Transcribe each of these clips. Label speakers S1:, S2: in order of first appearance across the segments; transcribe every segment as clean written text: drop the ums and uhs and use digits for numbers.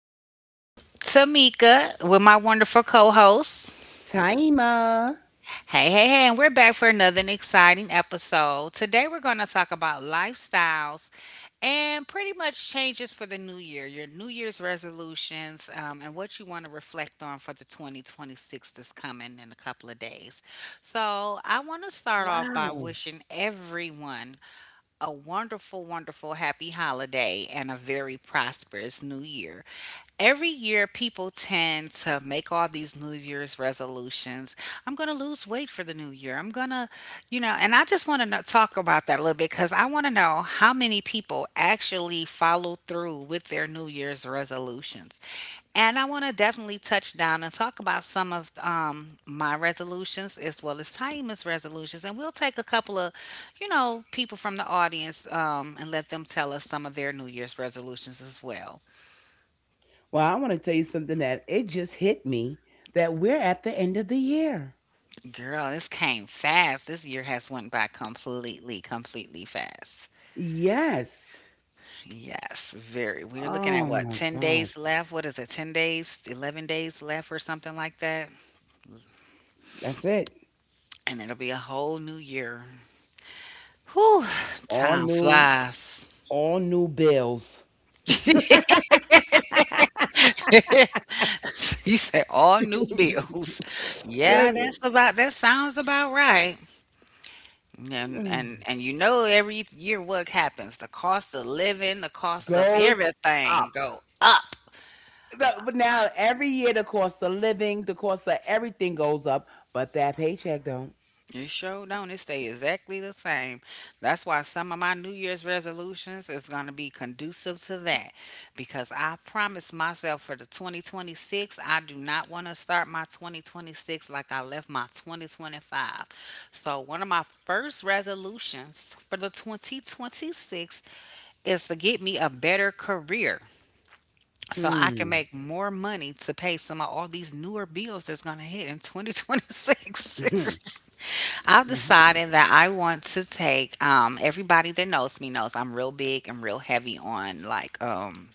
S1: girl, Tamika, with my wonderful co host.
S2: Taima.
S1: Hey, hey, hey, and we're back for another exciting episode. Today, we're going to talk about lifestyles and pretty much changes for the new year, your New Year's resolutions, and what you want to reflect on for the 2026 that's coming in a couple of days. So, I want to start off by
S2: Wow.
S1: wishing everyone a wonderful, wonderful, happy holiday and a very prosperous new year. Every year, people tend to make all these New Year's resolutions. I'm going to lose weight for the new year. I'm going to, and I just want to talk about that a little bit because I want to know how many people actually follow through with their New Year's resolutions. And I want to definitely touch down and talk about some of my resolutions as well as Taima's resolutions. And we'll take a couple of, people from the audience and let them tell us some of their New Year's resolutions as well.
S2: Well, I want to tell you something that it just hit me that we're at the end of the year.
S1: Girl, this came fast. This year has went by completely, completely fast.
S2: Yes.
S1: Yes, very. We're looking at
S2: Oh
S1: what,
S2: my
S1: 10
S2: gosh.
S1: days left? What is it, 10 days, 11 days left or something like that?
S2: That's it.
S1: And it'll be a whole new year. Whew,
S2: All
S1: time
S2: new,
S1: flies.
S2: all new bills.
S1: You said all new bills. Yeah,
S2: There's-
S1: that's about, that sounds about right. And,
S2: mm,
S1: and and you know every year what happens? The cost of living, the cost of
S2: Goes
S1: everything
S2: up.
S1: go up.
S2: But now every year the cost of living, the cost of everything goes up, but that paycheck don't.
S1: It sure don't. It stay exactly the same. That's why some of my New Year's resolutions is gonna be conducive to that, because I promised myself for the 2026, I do not want to start my 2026 like I left my 2025. So one of my first resolutions for the 2026 is to get me a better career so I can
S2: Hmm.
S1: make more money to pay some of all these newer bills that's gonna hit in 2026. I've decided that I want to take everybody that knows me knows I'm real big and real heavy on like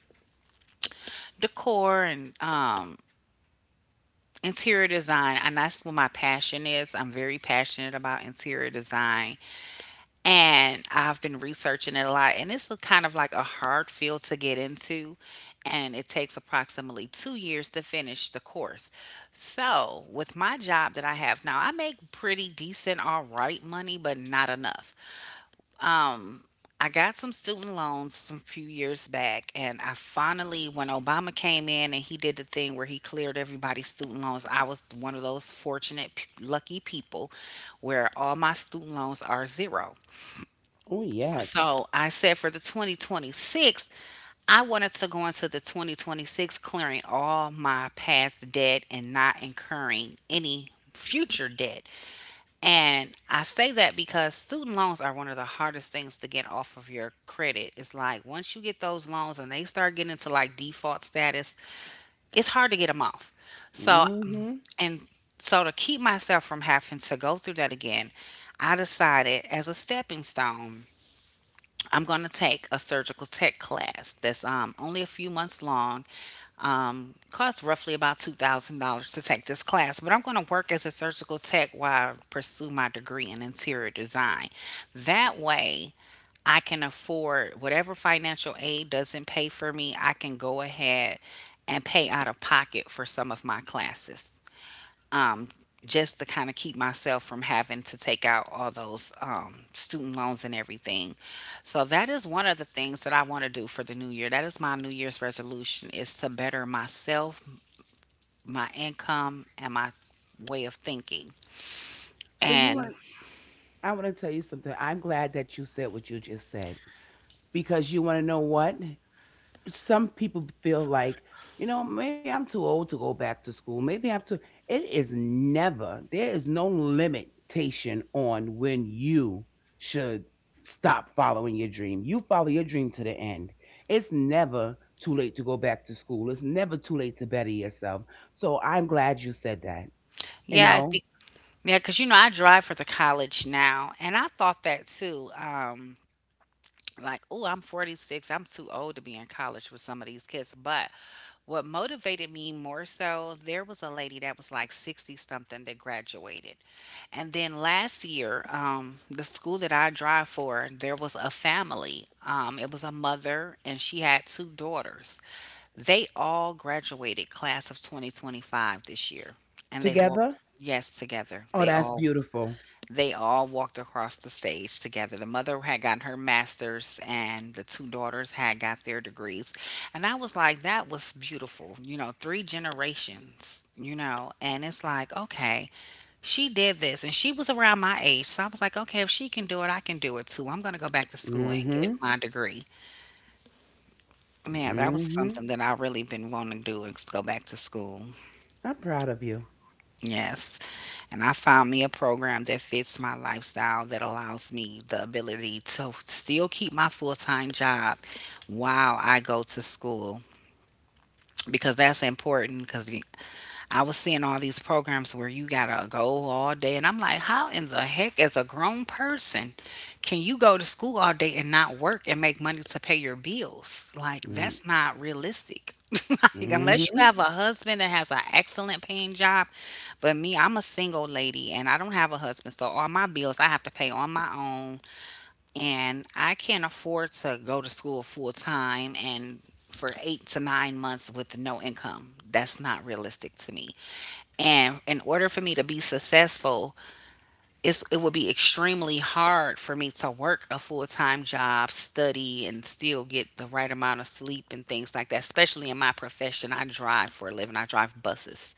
S1: decor and interior design, and that's what my passion is. I'm very passionate about interior design, and I've been researching it a lot, and it's a kind of like a hard field to get into, and it takes approximately 2 years to finish the course. So, with my job that I have now, I make pretty decent all right money but not enough. Um, I got some student loans some few years back, and I finally, when Obama came in and he did the thing where he cleared everybody's student loans, I was one of those fortunate, lucky people where all my student loans are zero.
S2: Oh yes.
S1: So I said for the 2026, I wanted to go into the 2026 clearing all my past debt and not incurring any future debt. And I say that because student loans are one of the hardest things to get off of your credit. It's like once you get those loans and they start getting into like default status, it's hard to get them off. So,
S2: Mhm.
S1: and so to keep myself from having to go through that again, I decided as a stepping stone I'm going to take a surgical tech class that's only a few months long. Costs roughly about $2,000 to take this class, but I'm going to work as a surgical tech while I pursue my degree in interior design. That way, I can afford whatever financial aid doesn't pay for me, I can go ahead and pay out of pocket for some of my classes um, just to kind of keep myself from having to take out all those student loans and everything. So that is one of the things that I want to do for the new year. That is my new year's resolution is to better myself, my income, and my way of thinking.
S2: So you
S1: And
S2: want I want to tell you something. I'm glad that you said what you just said because you want to know what? Some people feel like, you know, maybe I'm too old to go back to school. Maybe I'm too It is never. There is no limitation on when you should stop following your dream. You follow your dream to the end. It's never too late to go back to school. It's never too late to better yourself. So I'm glad you said that. You
S1: yeah, it
S2: know,
S1: be- yeah, because you know I drive for the college now, and I thought that too. Like, oh, I'm 46. I'm too old to be in college with some of these kids. But what motivated me more so, there was a lady that was like 60 something that graduated. And then last year, the school that I drive for, there was a family. It was a mother and she had two daughters. They all graduated class of 2025 this year. And they walked,
S2: Together.
S1: yes, together.
S2: Oh,
S1: They
S2: that's
S1: all
S2: beautiful.
S1: they all walked across the stage together. The mother had gotten her master's, and the two daughters had got their degrees. And I was like, that was beautiful. You know, three generations, you know. And it's like, okay, she did this, and she was around my age. So I was like, okay, if she can do it, I can do it too. I'm going to go back to school and get
S2: Mhm.
S1: my degree. Yeah, that was
S2: Mhm.
S1: something that I really been wanting to do is go back to school.
S2: I'm proud of you.
S1: Yes. And I found me a program that fits my lifestyle that allows me the ability to still keep my full time job while I go to school because that's important because I was seeing all these programs where you gotta go all day, and I'm like, how in the heck, as a grown person, can you go to school all day and not work and make money to pay your bills? Like,
S2: Mm.
S1: that's not realistic. Like, unless you
S2: Mhm.
S1: have a husband that has an excellent paying job, but me, I'm a single lady and I don't have a husband, so all my bills I have to pay on my own, and I can't afford to go to school full time and for 8 to 9 months with no income. That's not realistic to me. And in order for me to be successful, it would be extremely hard for me to work a full time job, study, and still get the right amount of sleep and things like that. Especially in my profession, I drive for a living, I drive buses.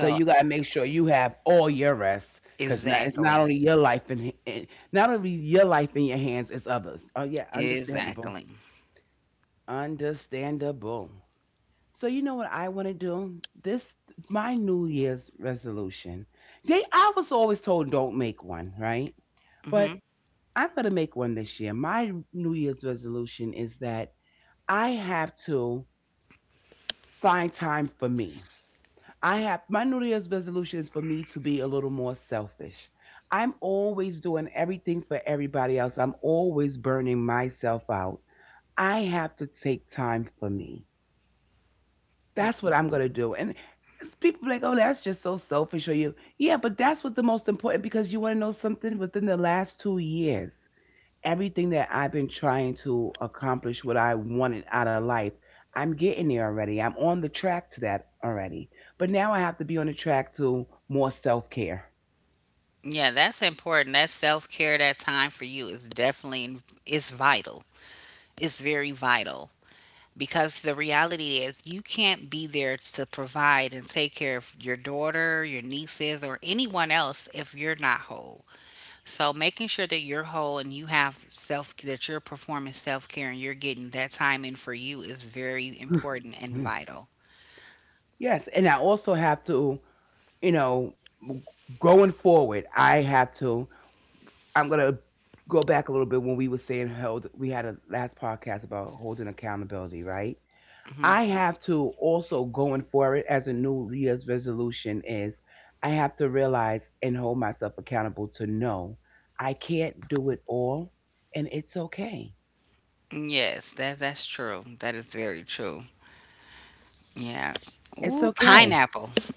S2: So you gotta make sure you have all your rest, 'cause not, it's not
S1: exactly,
S2: only your life in not only your life in your hands, it's others. Oh yeah, understandable,
S1: exactly.
S2: understandable. So you know what I want to do? This my New Year's resolution. They I was always told don't make one, right? But
S1: hmm
S2: I'm gonna make one this year. My New Year's resolution is that I have to find time for me. I have My New Year's resolution is for me to be a little more selfish. I'm always doing everything for everybody else. I'm always burning myself out. I have to take time for me. That's what I'm gonna do. And people like, oh, that's just so selfish of you, yeah, but that's what the most important because you want to know something. Within the last 2 years, everything that I've been trying to accomplish what I wanted out of life, I'm getting there already. I'm on the track to that already. But now I have to be on the track to more self care.
S1: Yeah, that's important. That self care, that time for you is definitely it's vital. It's very vital. Because the reality is you can't be there to provide and take care of your daughter, your nieces, or anyone else if you're not whole. So making sure that you're whole and you have self that you're performing self care and you're getting that time in for you is very important and vital.
S2: Yes, and I also have to, you know, going forward, I have to. I'm gonna go back a little bit when we were saying held. We had a last podcast about holding accountability, right?
S1: hmm
S2: I have to also going for it as a New Year's resolution is I have to realize and hold myself accountable to know I can't do it all and it's okay.
S1: Yes, that that's true. That is very true. Yeah.
S2: It's
S1: Ooh,
S2: okay.
S1: pineapple.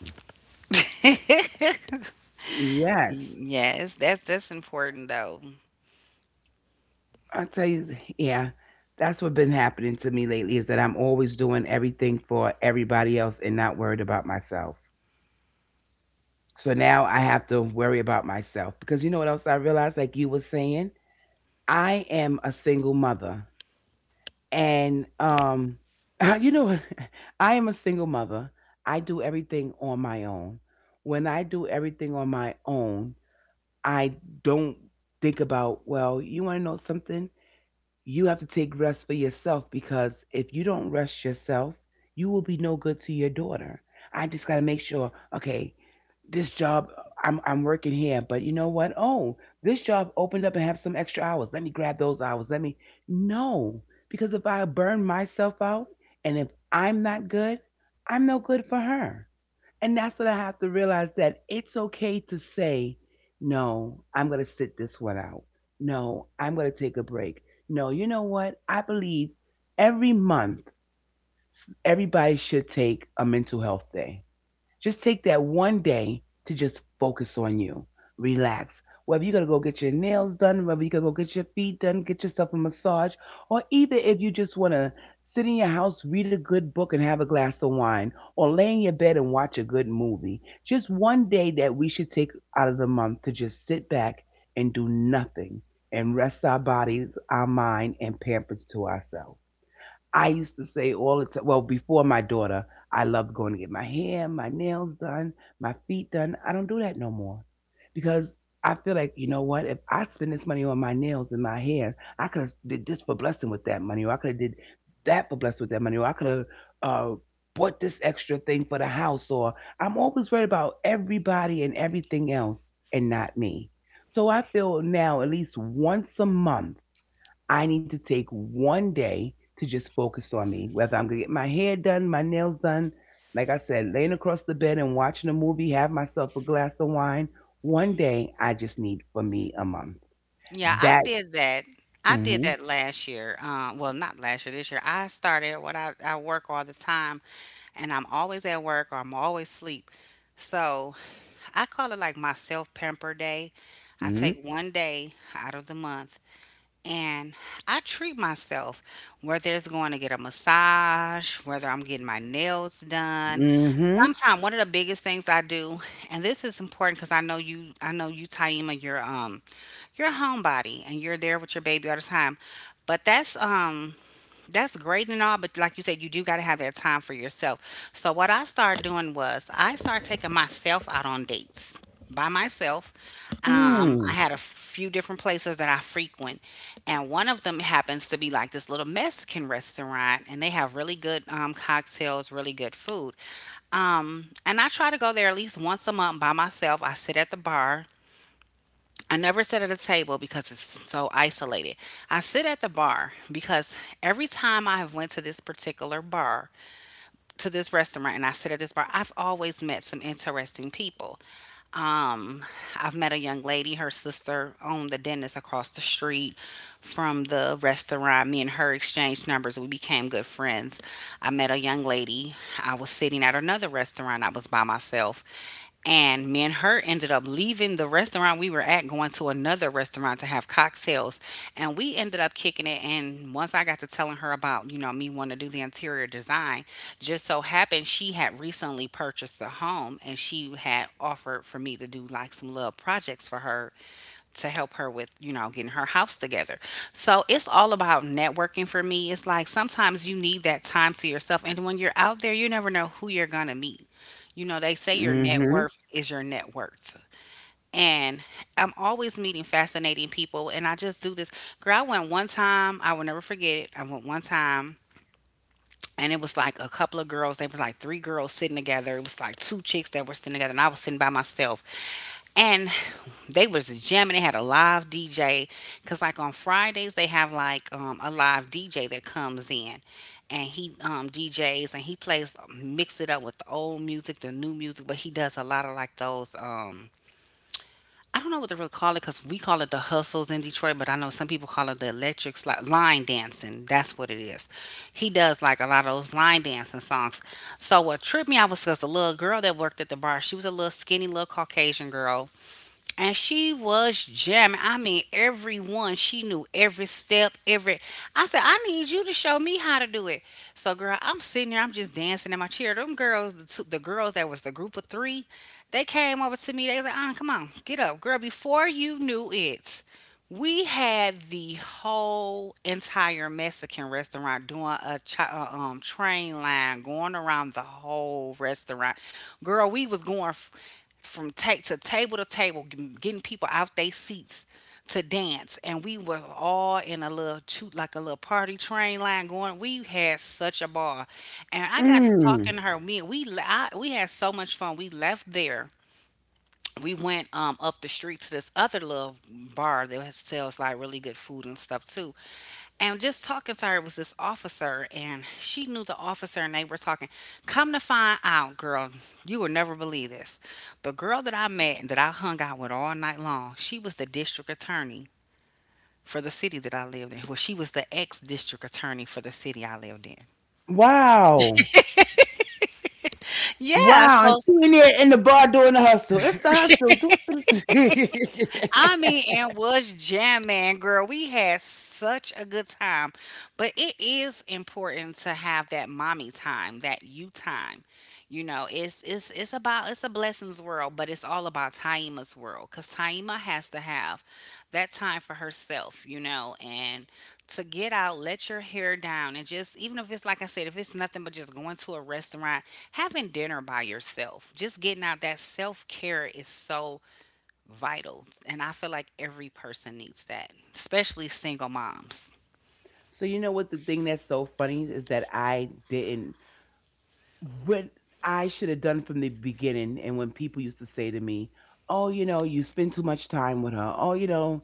S2: Yes.
S1: Yes, that's important though.
S2: I tell you, yeah, that's what been happening to me lately is that I'm always doing everything for everybody else and not worried about myself. So now I have to worry about myself because you know what else I realized like you were saying, I am a single mother and you know what. I am a single mother. I do everything on my own. When I do everything on my own, I don't think about, well, you want to know something, you have to take rest for yourself because if you don't rest yourself, you will be no good to your daughter. I just got to make sure, okay, this job, I'm working here, but you know what? Oh, this job opened up and have some extra hours. Let me grab those hours. Let me No, because if I burn myself out and if I'm not good, I'm no good for her. And that's what I have to realize, that it's okay to say, "No, I'm going to sit this one out. No, I'm going to take a break. No, you know what? I believe every month everybody should take a mental health day, just take that one day to just focus on you. Relax. Whether you're going to go get your nails done, whether you're going to go get your feet done, get yourself a massage, or even if you just want to sit in your house, read a good book, and have a glass of wine, or lay in your bed and watch a good movie. Just one day that we should take out of the month to just sit back and do nothing and rest our bodies, our mind, and pampers to ourselves. I used to say all the time, well, before my daughter, I loved going to get my hair, my nails done, my feet done. I don't do that no more because I feel like, you know what, if I spend this money on my nails and my hair, I could have did this for blessing with that money, or I could have did that for blessing with that money, or I could have uh, bought this extra thing for the house, or I'm always worried about everybody and everything else and not me. So I feel now at least once a month I need to take one day to just focus on me, whether I'm going to get my hair done, my nails done. Like I said, laying across the bed and watching a movie, have myself a glass of wine. One day I just need for me a month.
S1: Yeah, I
S2: That,
S1: did that. I did
S2: mm
S1: that last year. Well, not last year, this year. I started I work all the time and I'm always at work or I'm always sleep. So I call it like my self pamper day. I
S2: hmm,
S1: take one day out of the month and I treat myself, whether it's going to get a massage, whether I'm getting my nails done.
S2: mm hmm,
S1: Sometimes one of the biggest things I do, and this is important because I know you, Taima, you're a homebody and you're there with your baby all the time. But that's great and all, but like you said, you do gotta have that time for yourself. So what I started doing was I started taking myself out on dates by myself.
S2: mm hmm,
S1: I had a few different places that I frequent, and one of them happens to be like this little Mexican restaurant, and they have really good cocktails, really good food. And I try to go there at least once a month by myself. I sit at the bar. I never sit at a table because it's so isolated. I sit at the bar because every time I have went to this particular bar, to this restaurant and I sit at this bar, I've always met some interesting people. Um, I've met a young lady, her sister owned the dentist across the street from the restaurant. Me and her exchanged numbers. We became good friends. I met a young lady. I was sitting at another restaurant. I was by myself. And me and her ended up leaving the restaurant we were at going to another restaurant to have cocktails. And we ended up kicking it. And once I got to telling her about, you know, me wanting to do the interior design, just so happened she had recently purchased a home and she had offered for me to do like some little projects for her to help her with, you know, getting her house together. So it's all about networking for me. It's like sometimes you need that time to yourself. And when you're out there, you never know who you're going to meet. You know, they say your
S2: mm hmm,
S1: net
S2: mm.
S1: worth is your net worth. And I'm always meeting fascinating people. And I just do this. Girl, I went one time, I will never forget it. I went one time. And it was like a couple of girls. They were like three girls sitting together. It was like two chicks that were sitting together, and I was sitting by myself. And they was jamming. They had a live DJ because, like on Fridays, they have like a live DJ that comes in, and he DJs and he plays mix it up with the old music, the new music, but he does a lot of like those. I don't know what to really call it because we call it the hustles in Detroit, but I know some people call it the electric line dancing. That's what it is. He does like a lot of those line dancing songs. So what tripped me out was because the little girl that worked at the bar, she was a little skinny, little Caucasian girl and she was jamming. I mean, everyone she knew every step, every. I said, I need you to show me how to do it. So, girl, I'm sitting there, I'm just dancing in my chair. Them girls, the girls that was the group of three, they came over to me. They was like, "Ah, come on, get up, girl." Before you knew it, we had the whole entire Mexican restaurant doing a train line going around the whole restaurant. Girl, we was going. From to table, getting people out their seats to dance, and we were all in a little like a little party train line going. We had such a ball, and I got to
S2: Hmm.
S1: talking to her. Me, we la- I, we had so much fun. We left there. We went up the street to this other little bar that sells like really good food and stuff too. And just talking to her was this officer, and she knew the officer, and they were talking. Come to find out, girl, you will never believe this. The girl that I met and that I hung out with all night long, she was the district attorney for the city that I lived in. Well, she was the ex district attorney for the city I lived in.
S2: Wow.
S1: Yeah,
S2: Wow. And
S1: so
S2: she in there in the bar doing the hustle. It's the hustle. Do- do- do.
S1: I mean, and was jamming, girl. We had such a good time. But it is important to have that mommy time, that you time. You know, it's a blessings world, but it's all about Taima's world because Taima has to have that time for herself. You know, and to get out, let your hair down, and just even if it's like I said, if it's nothing but just going to a restaurant, having dinner by yourself, just getting out that self care is so vital. And I feel like every person needs that, especially single moms.
S2: So you know what the thing that's so funny is that I didn't what I should have done from the beginning, and when people used to say to me, "Oh, you know, you spend too much time with her. Oh, you know,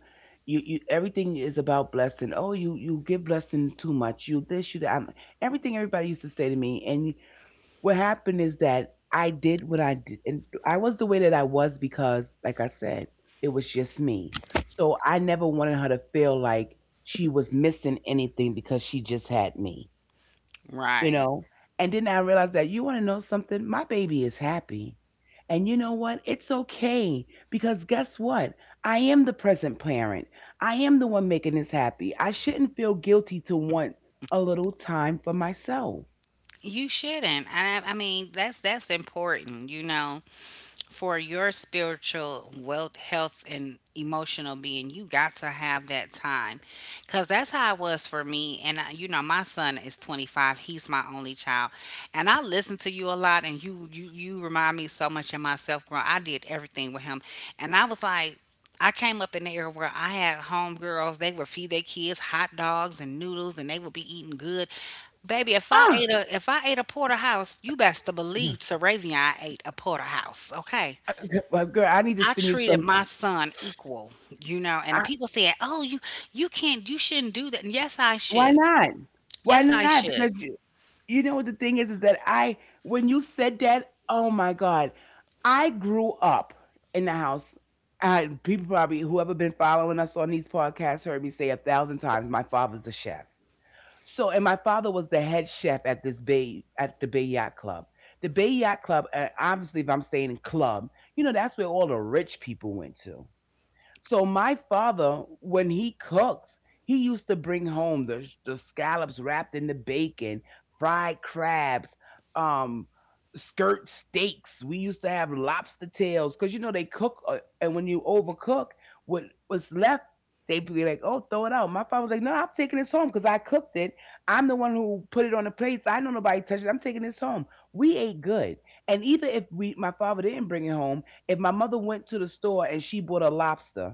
S2: you everything is about blessing. Oh, you give blessing too much. You this, you that." Everything everybody used to say to me, and what happened is that I did what I did, and I was the way that I was because, like I said, it was just me. So I never wanted her to feel like she was missing anything because she just had me, you
S1: Right.
S2: know. And then I realized that you want to know something? My baby is happy. And you know what? It's okay because guess what? I am the present parent. I am the one making this happy. I shouldn't feel guilty to want a little time for myself.
S1: You shouldn't. I mean, that's important. For your spiritual wealth, health, and emotional being, you got to have that time. Because that's how it was for me. And my son is 25. He's my only child. And I listen to you a lot, and you remind me so much of myself growing I did everything with him. And I was like, I came up in the era where I had homegirls. They would feed their kids hot dogs and noodles, and they would be eating good. Baby, if I
S2: Ah,
S1: ate a if I ate a porterhouse, you best to believe Saravion ate a porterhouse. Okay,
S2: girl, I need to
S1: I
S2: send you
S1: treated
S2: some.
S1: my son equal, and the
S2: I,
S1: people said, "Oh, you can't you shouldn't do that." And yes, I
S2: Why
S1: should.
S2: not? Why
S1: Yes, I
S2: not? Because
S1: should.
S2: you know what the thing is that I when you said that, oh my God. I grew up in the house. People probably whoever been following us on these podcasts heard me say a thousand times my father's a chef. So and my father was the head chef at this bay at the Bay Yacht Club. The Bay Yacht Club, obviously, if I'm staying in club, you know that's where all the rich people went to. So my father, when he cooks, he used to bring home the scallops wrapped in the bacon, fried crabs, um, skirt steaks. We used to have lobster tails because you know they cook, and when you overcook, what was left, they be like, "Oh, throw it out." My father was like, "No, I'm taking this home because I cooked it. I'm the one who put it on the plates. I know nobody touched it. I'm taking this home." We ate good, and even if we, my father didn't bring it home, if my mother went to the store and she bought a lobster,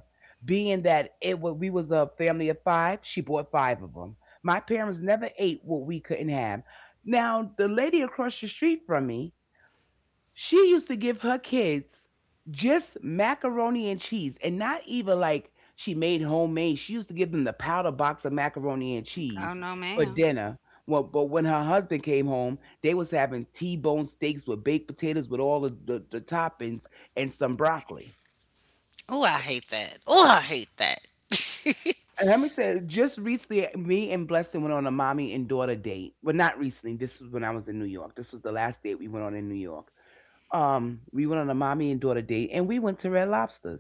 S2: being that it was, we was a family of five, she bought five of them. My parents never ate what we couldn't have. Now the lady across the street from me, she used to give her kids just macaroni and cheese, and not even like she made homemade. She used to give them the powder box of macaroni and cheese
S1: Oh no,
S2: for
S1: ma'am.
S2: dinner. Well, but when her husband came home, they was having T-bone steaks with baked potatoes with all of the toppings and some broccoli.
S1: Oh, I hate that. Oh, I hate that.
S2: And let me tell you, just recently, me and Blessing went on a mommy and daughter date. Well, not recently. This was when I was in New York. This was the last date we went on in New York. We went on a mommy and daughter date, and we went to Red Lobster.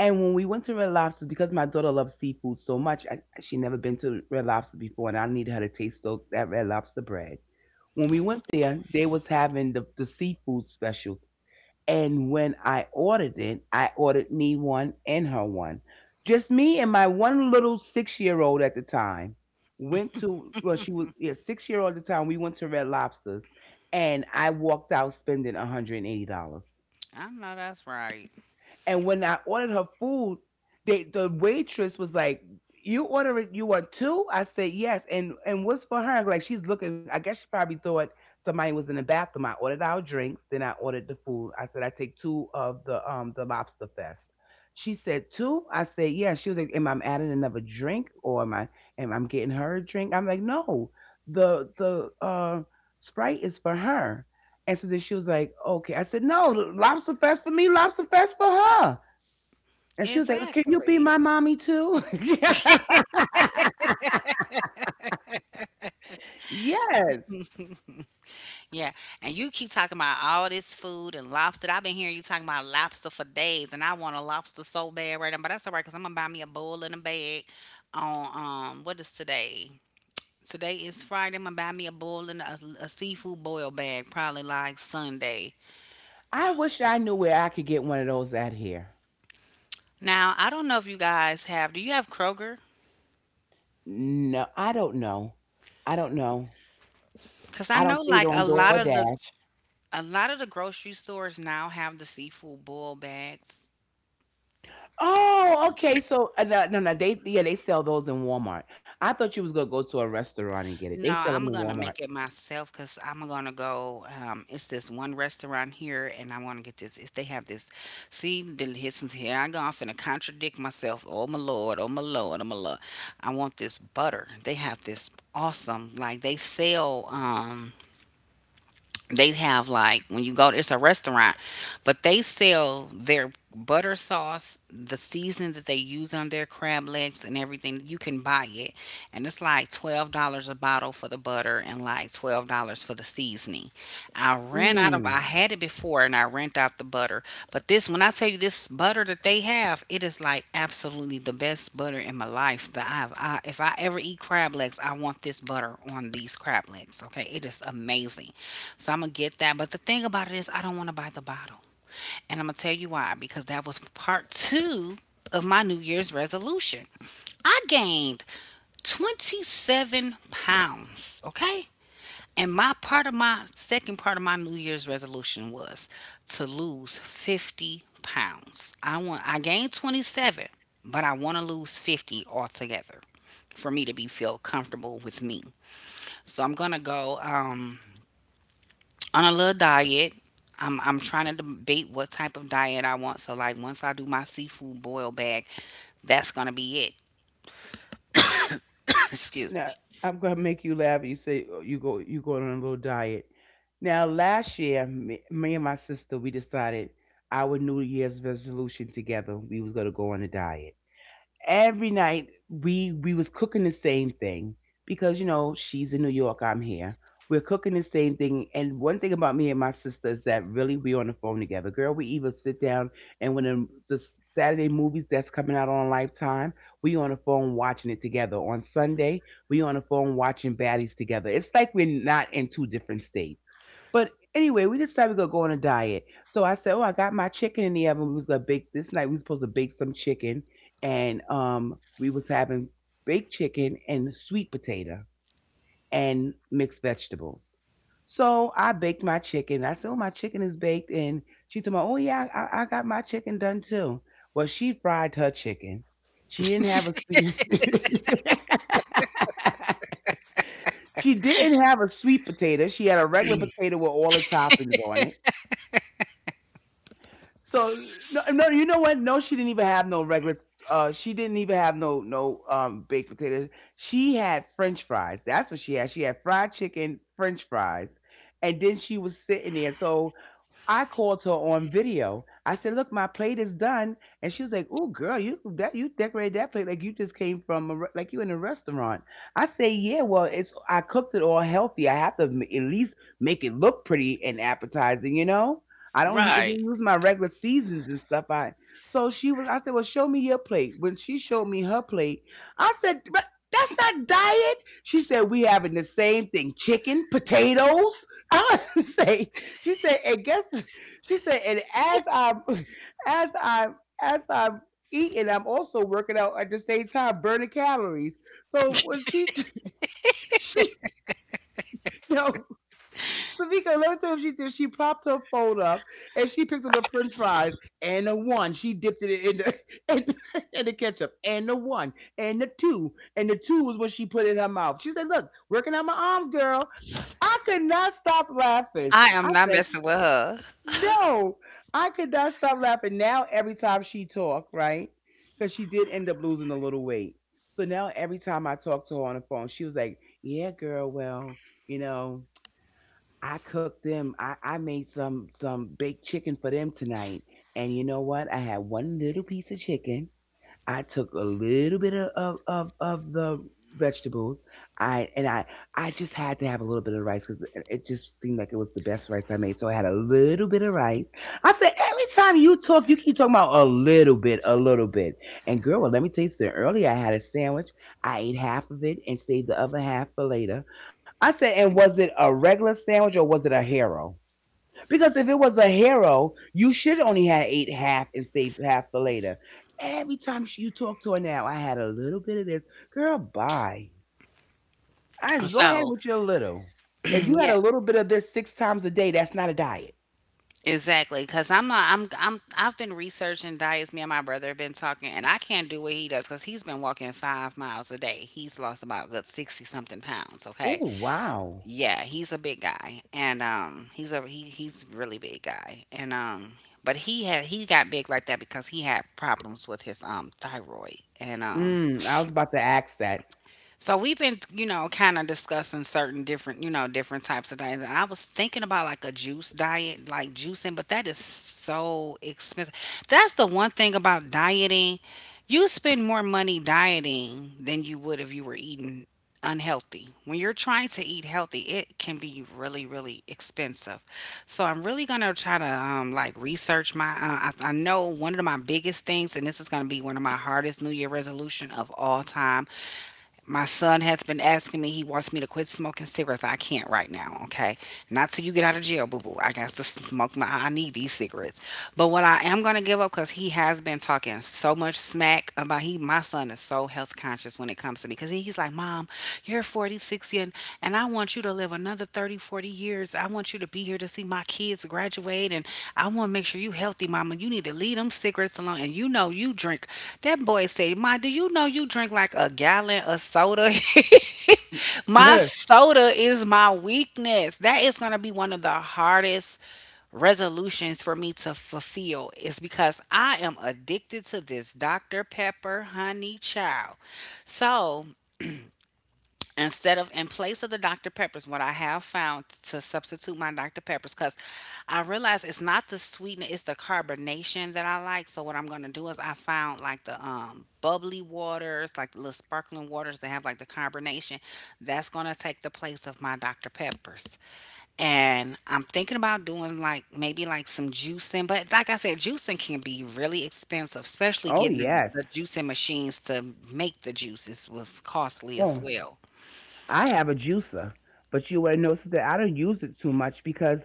S2: And when we went to Red Lobster, because my daughter loves seafood so much, she never been to Red Lobster before, and I needed her to taste that Red Lobster bread. When we went there, they was having the seafood special, and when I ordered it, I ordered me one and her one. Just me and my one little 6-year old at the time went to, well, she was yeah, 6-year old at the time. We went to Red Lobsters and I walked out spending $180.
S1: I know that's right.
S2: And when I ordered her food, the waitress was like, "You order it, You want two." I said yes. And what's for her? Like she's looking. I guess she probably thought somebody was in the bathroom. I ordered our drinks, then I ordered the food. I said I take two of the lobster fest. She said, "Two?" I said yes. She was like, "Am I adding another drink or am I getting her a drink?" I'm like, "No, the Sprite is for her." And so then she was like, okay. I said, no, lobster fest for me, lobster fest for her. And she was like, can you be
S1: Exactly.
S2: my mommy too? Yes.
S1: Yeah, and you keep talking about all this food and lobster. I've been hearing you talking about lobster for days, and I want a lobster so bad right now. But that's all right, cause I'm gonna buy me a bowl and a bag on what is today? Today is Friday. I'm gonna buy me a boil and a seafood boil bag, probably like Sunday.
S2: I wish I knew where I could get one of those at here.
S1: Now, I don't know if you guys have. Do you have Kroger?
S2: No, I don't know. I don't know.
S1: Cause I
S2: I don't
S1: know
S2: see it
S1: like
S2: on
S1: a lot of the
S2: DoorDash.
S1: a lot of the grocery stores now have the seafood boil bags.
S2: Oh, okay. No, no, no, they yeah, they sell those in Walmart. I thought you was gonna go to a restaurant and get it. They
S1: No,
S2: sell them
S1: I'm
S2: in
S1: gonna
S2: Walmart.
S1: make it myself, because I 'cause I'm gonna go, it's this one restaurant here and I wanna get this. It's they have this, see, the listen, here I go, I'm finna contradict myself. Oh my Lord, oh my Lord, oh my Lord. I want this butter. They have this awesome, like they sell, they have like when you go it's a restaurant but they sell their butter sauce, the seasoning that they use on their crab legs, and everything you can buy it, and it's like $12 a bottle for the butter and like $12 for the seasoning. I ran out of
S2: Mm.
S1: I had it before and I ran out the butter. But this, when I tell you, this butter that they have, it is like absolutely the best butter in my life that I have. If I ever eat crab legs, I want this butter on these crab legs. Okay, it is amazing. So I'm gonna get that. But the thing about it is, I don't want to buy the bottle, and I'm gonna tell you why. Because that was part two of my New Year's resolution. I gained 27 pounds. Okay. And my second part of my New Year's resolution was to lose 50 pounds. I gained 27, but I want to lose 50 altogether for me to be feel comfortable with me. So I'm gonna go on a little diet. I'm trying to debate what type of diet I want. So like once I do my seafood boil bag, that's gonna be it. Excuse me.
S2: Now I'm gonna make you laugh. You say oh, you going on a little diet. Now last year, me and my sister we decided our New Year's resolution together. We was gonna go on a diet every night we was cooking the same thing because you know she's in New York, I'm here. We're cooking the same thing, and one thing about me and my sister is that really we on the phone together. Girl, we even sit down and when the Saturday movies that's coming out on Lifetime, we on the phone watching it together. On Sunday, we on the phone watching Baddies together. It's like we're not in two different states. But anyway, we decided we are gonna go on a diet. So I said, oh, I got my chicken in the oven. We was gonna bake this night. We was supposed to bake some chicken and we was having baked chicken and sweet potato and mixed vegetables. So I baked my chicken. I said, oh, my chicken is baked, and she told me, oh yeah, I got my chicken done too. Well, she fried her chicken. She didn't have a sweet she didn't have a sweet potato. She had a regular potato with all the toppings on. So no, no, you know what? No, she didn't even have no regular. She didn't even have no baked potatoes. She had French fries. That's what she had. She had fried chicken, French fries, and then she was sitting there. So I called her on video. I said, "Look, my plate is done," and she was like, "Oh, girl, you that you decorated that plate like you just came from a, re- like you in a restaurant." I say, "Yeah, well, it's I cooked it all healthy. I have to m- at least make it look pretty and appetizing, you know. I don't use,
S1: Right.
S2: didn't use my regular seasons and stuff. I so she was. I said, "Well, show me your plate." When she showed me her plate, I said, "But that's not diet." She said, "We having the same thing: chicken, potatoes." I was say she said, and guess she said, and as I'm as I'm as I'm eating, I'm also working out at the same time, burning calories. So when she she no Tamika, let me tell you what she did. She propped her phone up and she picked up a French fries and the one. She dipped it in the in the ketchup and the one and the two, and the two was what she put in her mouth. She said, "Look, working out my arms, girl." I could not stop laughing.
S1: I
S2: I
S1: am not
S2: said,
S1: messing with her.
S2: no, I could not stop laughing. Now every time she talk, right? Because she did end up losing a little weight. So now every time I talk to her on the phone, she was like, "Yeah, girl. Well, you know, I cooked them. I made some baked chicken for them tonight. And you know what? I had one little piece of chicken. I took a little bit of, the vegetables. I and I I just had to have a little bit of rice because it just seemed like it was the best rice I made. So I had a little bit of rice. I said, every time you talk, you keep talking about a little bit, a little bit. And girl, well, let me tell you something. Earlier, I had a sandwich. I ate half of it and saved the other half for later. I said, and was it a regular sandwich or was it a hero? Because if it was a hero, you should only had ate half and save half for later. Every time you talk to her now, I had a little bit of this. Girl, bye. I go ahead
S1: So
S2: with your little. If you had
S1: yeah,
S2: a little bit of this six times a day, that's not a diet.
S1: exactly. Cause I'm not. I've been researching diets. Me and my brother have been talking, and I can't do what he does because he's been walking 5 miles a day. He's lost about a good 60 something pounds. Okay.
S2: Oh wow.
S1: Yeah, he's a big guy, and he's a really big guy, and but he got big like that because he had problems with his thyroid, and
S2: Mm, I was about to ask that.
S1: so we've been, kind of discussing certain different, different types of things. And I was thinking about like a juice diet, like juicing, but that is so expensive. That's the one thing about dieting. You spend more money dieting than you would if you were eating unhealthy. When you're trying to eat healthy, it can be really, really expensive. So I'm really gonna try to like research my. I know one of my biggest things, and this is gonna be one of my hardest New Year resolution of all time. My son has been asking me, he wants me to quit smoking cigarettes. I can't right now, okay? Not till you get out of jail, boo boo. I got to smoke my, I need these cigarettes. But what I am going to give up, because he has been talking so much smack about my son is so health conscious when it comes to me, because he's like, "Mom, you're 46 and I want you to live another 30, 40 years. I want you to be here to see my kids graduate. And I want to make sure you healthy, mama. You need to leave them cigarettes alone. And you know you drink." That boy said, "Ma, do you know you drink like a gallon of soda?" My soda is my weakness. That is going to be one of the hardest resolutions for me to fulfill is because I am addicted to this Dr. Pepper honey child. So instead of in place of the Dr. Peppers, what I have found to substitute my Dr. Peppers, because I realize it's not the sweetness, it's the carbonation that I like. So what I'm gonna do is I found like the bubbly waters, like the little sparkling waters that have like the carbonation. That's gonna take the place of my Dr. Peppers. And I'm thinking about doing like maybe like some juicing, but like I said, juicing can be really expensive, especially
S2: Oh
S1: getting the,
S2: yes.
S1: the juicing machines to make the juices was costly as
S2: Oh,
S1: well.
S2: I have a juicer, but you would notice that I don't use it too much because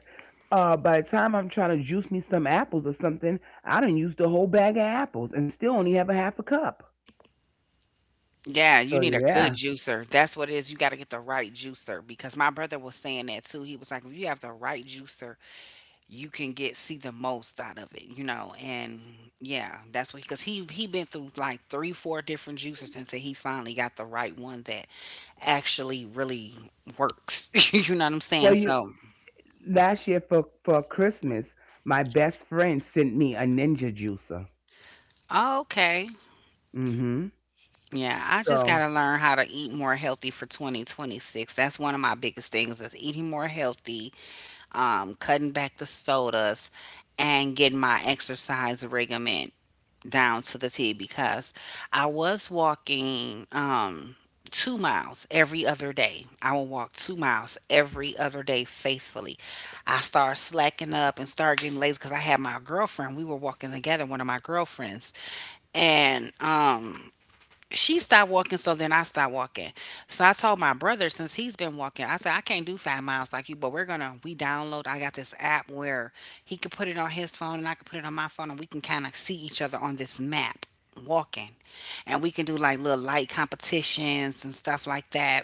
S2: by the time I'm trying to juice me some apples or something, I don't use the whole bag of apples and still only have a half a cup.
S1: Yeah, you
S2: So
S1: need a good
S2: yeah.
S1: juicer. That's what it is. You got to get the right juicer because my brother was saying that too. He was like, if you have the right juicer, you can get see the most out of it, you know. And yeah, that's what because he been through like three, four different juicers until he finally got the right one that actually really works. You know what I'm
S2: Well,
S1: saying?
S2: you
S1: So
S2: Last year for Christmas, my best friend sent me a Ninja juicer.
S1: okay,
S2: Hmm.
S1: yeah, I just got
S2: So
S1: to learn how to eat more healthy for 2026. That's one of my biggest things is eating more healthy, cutting back the sodas, and getting my exercise regimen down to the T because I was walking, 2 miles every other day. I will walk 2 miles every other day faithfully. I started slacking up and started getting lazy because I had my girlfriend. We were walking together, one of my girlfriends, and she stopped walking, so then I stopped walking. So I told my brother since he's been walking, I said I can't do 5 miles like you, but we download. I got this app where he could put it on his phone and I could put it on my phone, and we can kind of see each other on this map walking, and we can do like little light competitions and stuff like that.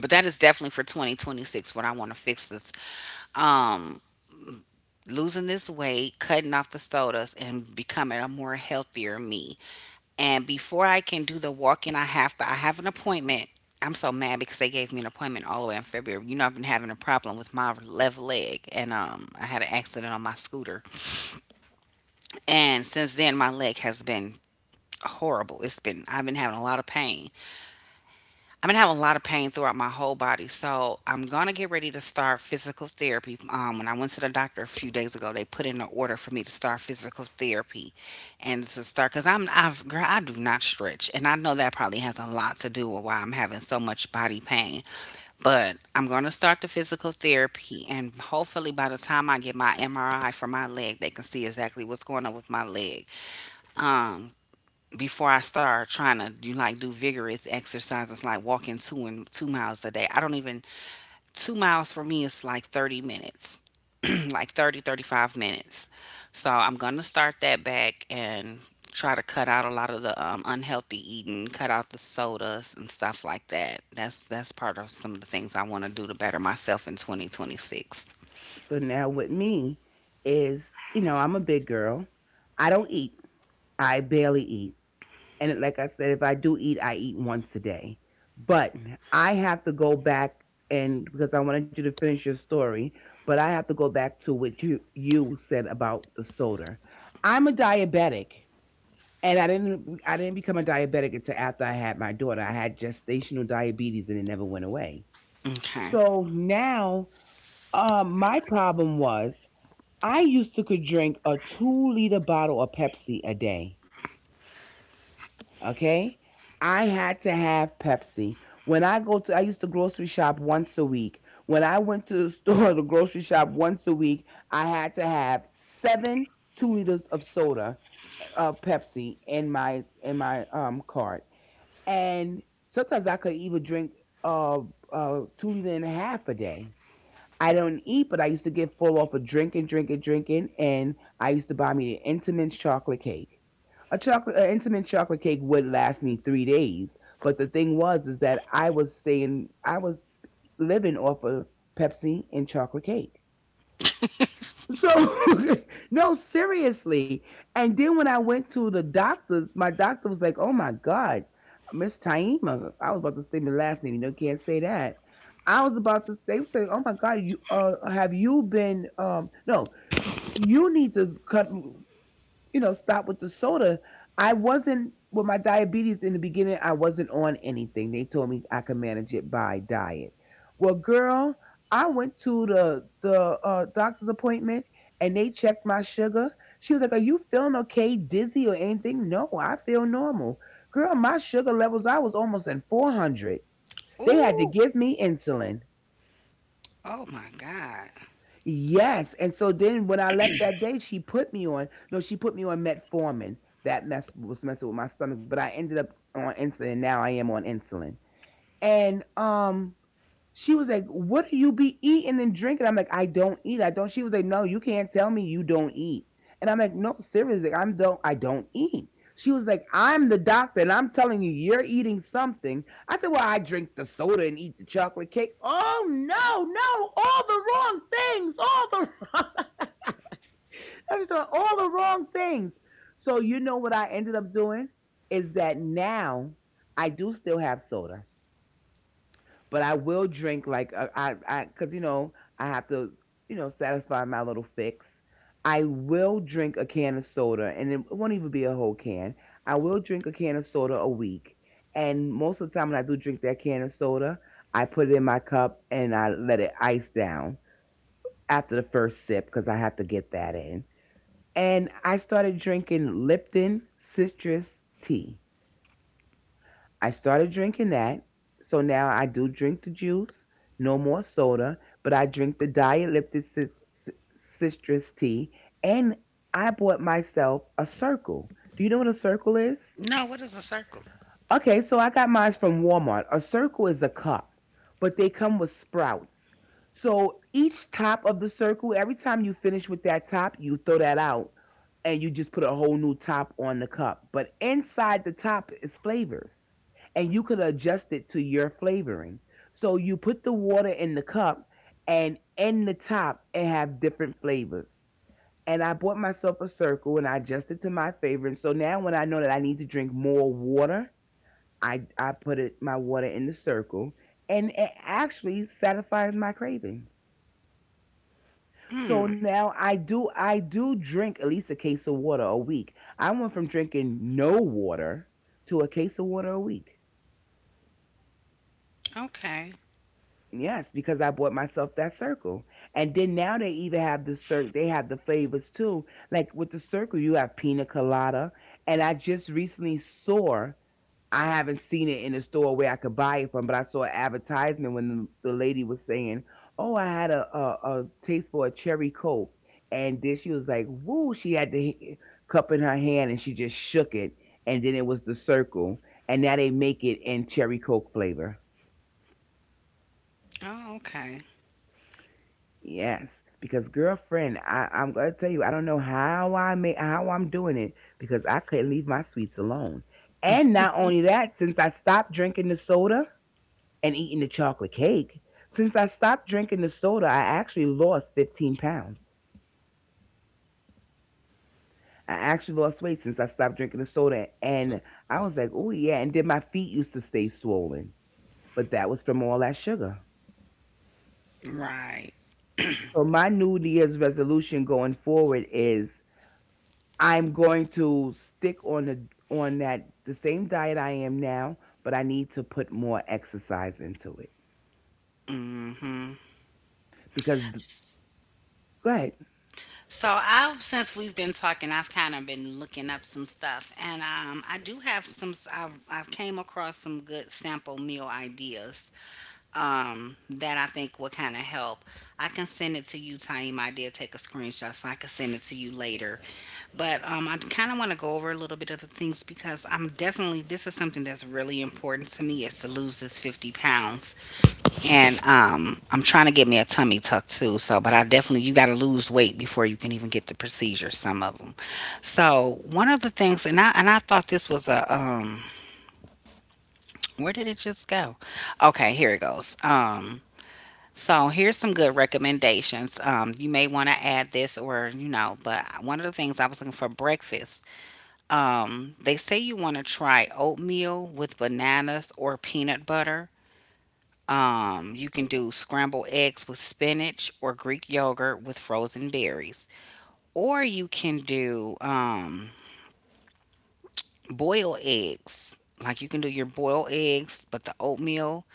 S1: But that is definitely for 2026 what I want to fix this. Um, Losing this weight, cutting off the sodas, and becoming a more healthier me. And before I can do the walk in, I have to, I have an appointment. I'm so mad because they gave me an appointment all the way in February. You know, I've been having a problem with my left leg, and I had an accident on my scooter, and since then my leg has been horrible. It's been I've been having a lot of pain, I'm gonna have a lot of pain throughout my whole body, so I'm gonna get ready to start physical therapy. When I went to the doctor a few days ago, they put in an order for me to start physical therapy, and to start because I've girl I do not stretch, and I know that probably has a lot to do with why I'm having so much body pain. But I'm gonna start the physical therapy, and hopefully by the time I get my MRI for my leg, they can see exactly what's going on with my leg. Um, before I start trying to do vigorous exercises like walking two miles a day. I don't even 2 miles for me is like 30 minutes, like 30 35 minutes. So I'm gonna start that back and try to cut out a lot of the unhealthy eating, cut out the sodas and stuff like that. That's part of some of the things I want to do to better myself in 2026.
S2: so now with me is you know I'm a big girl. I don't eat. I barely eat. And it- like I said, if I do eat, I eat once a day. But I have to go back, and because I wanted you to finish your story, but I have to go back to what you said about the soda. I'm a diabetic, and I didn't become a diabetic until after I had my daughter. I had gestational diabetes, and it never went away.
S1: Okay.
S2: So now, my problem was I used to could drink a 2 liter bottle of Pepsi a day. Okay? I had to have Pepsi. When I go to, I used to grocery shop once a week. When I went to the store, the grocery shop once a week, I had to have 7 two liters of soda, Pepsi in my in my cart. And sometimes I could even drink uh, 2 liter and a half a day. I don't eat, but I used to get full off of drinking, drinking, drinking, and I used to buy me an Intamin's chocolate cake, a chocolate an intimate chocolate cake would last me 3 days. But the thing was is that I was living off of Pepsi and chocolate cake. So no, seriously. And then when I went to the doctor, my doctor was like, oh my god, Miss Taima, I was about to say my last name, you know, can't say that. I was about to say, they were saying, oh my god, you have you been no, you need to cut, you know, stop with the soda. I wasn't, with my diabetes in the beginning. I wasn't on anything. They told me I could manage it by diet. Well, girl, I went to the doctor's appointment and they checked my sugar. She was like, "Are you feeling okay? Dizzy or anything?" No, I feel normal. Girl, my sugar levels I was almost in 400. They had to
S1: Ooh.
S2: give me insulin.
S1: Oh my God.
S2: Yes, and so then when I left that day, she put me on no, she put me on metformin. That mess was messing with my stomach, but I ended up on insulin. Now I am on insulin, and. She was like, "What do you be eating and drinking?" I'm like, "I don't eat. I don't." She was like, "No, you can't tell me you don't eat." And I'm like, "No, seriously, like, I don't eat." She was like, "I'm the doctor, and I'm telling you, you're eating something." I said, "Well, I drink the soda and eat the chocolate cake." Oh no, no, all the wrong things, all the wrong, I was like, all the wrong things. So you know what I ended up doing is that now I do still have soda. But I will drink like I because you know I have to you know satisfy my little fix. I will drink a can of soda, and it won't even be a whole can. I will drink a can of soda a week, and most of the time when I do drink that can of soda, I put it in my cup and I let it ice down after the first sip because I have to get that in. And I started drinking Lipton citrus tea. I started drinking that. So now I do drink the juice, no more soda, but I drink the diet c- citrus tea. And I bought myself a circle. Do you know what a circle is?
S1: No. What is a circle?
S2: Okay, so I got mine from Walmart. A circle is a cup, but they come with sprouts. So each top of the circle, every time you finish with that top, you throw that out and you just put a whole new top on the cup. But inside the top is flavors, and you can adjust it to your flavoring. So you put the water in the cup, and in the top, it have different flavors. And I bought myself a circle and I adjusted to my favorite. So now when I know that I need to drink more water, I put it my water in the circle, and it actually satisfies my cravings. So
S1: Mm,
S2: now I do drink at least a case of water a week. I went from drinking no water to a case of water a week.
S1: okay.
S2: Yes, because I bought myself that circle. And then now they even have the circ they have the flavors too. Like with the circle you have pina colada and I just recently saw, I haven't seen it in a store where I could buy it from, but I saw an advertisement when the lady was saying, "Oh, I had a taste for a cherry coke," and then she was like, "Woo!" She had the cup in her hand and she just shook it, and then it was the circle, and now they make it in cherry coke flavor.
S1: Oh, okay.
S2: Yes, because girlfriend, I'm gonna tell you, I don't know how I'm doing it because I couldn't leave my sweets alone. And not only that, since I stopped drinking the soda, and eating the chocolate cake. Since I stopped drinking the soda, I actually lost 15 pounds. I actually lost weight since I stopped drinking the soda. And I was like, oh, yeah. And then my feet used to stay swollen, but that was from all that sugar.
S1: Right.
S2: So my New Year's resolution going forward is I'm going to stick on the on that the same diet I am now, but I need to put more exercise into it
S1: Mm-hmm.
S2: because go ahead.
S1: So I've since we've been talking, I've kind of been looking up some stuff, and I do have some. I've came across some good sample meal ideas, that I think will kind of help. I can send it to you, Taima. I did take a screenshot, so I can send it to you later. But I kind of want to go over a little bit of the things because I'm definitely this is something that's really important to me is to lose this 50 pounds. And I'm trying to get me a tummy tuck too. So, but I definitely you got to lose weight before you can even get the procedure. Some of them. So one of the things, and I thought this was a where did it just go? Okay, here it goes. So here's some good recommendations. You may want to add this or you know, but one of the things I was looking for breakfast. They say you want to try oatmeal with bananas or peanut butter. You can do scrambled eggs with spinach or Greek yogurt with frozen berries. Or you can do, boiled eggs. Like you can do your boiled eggs, but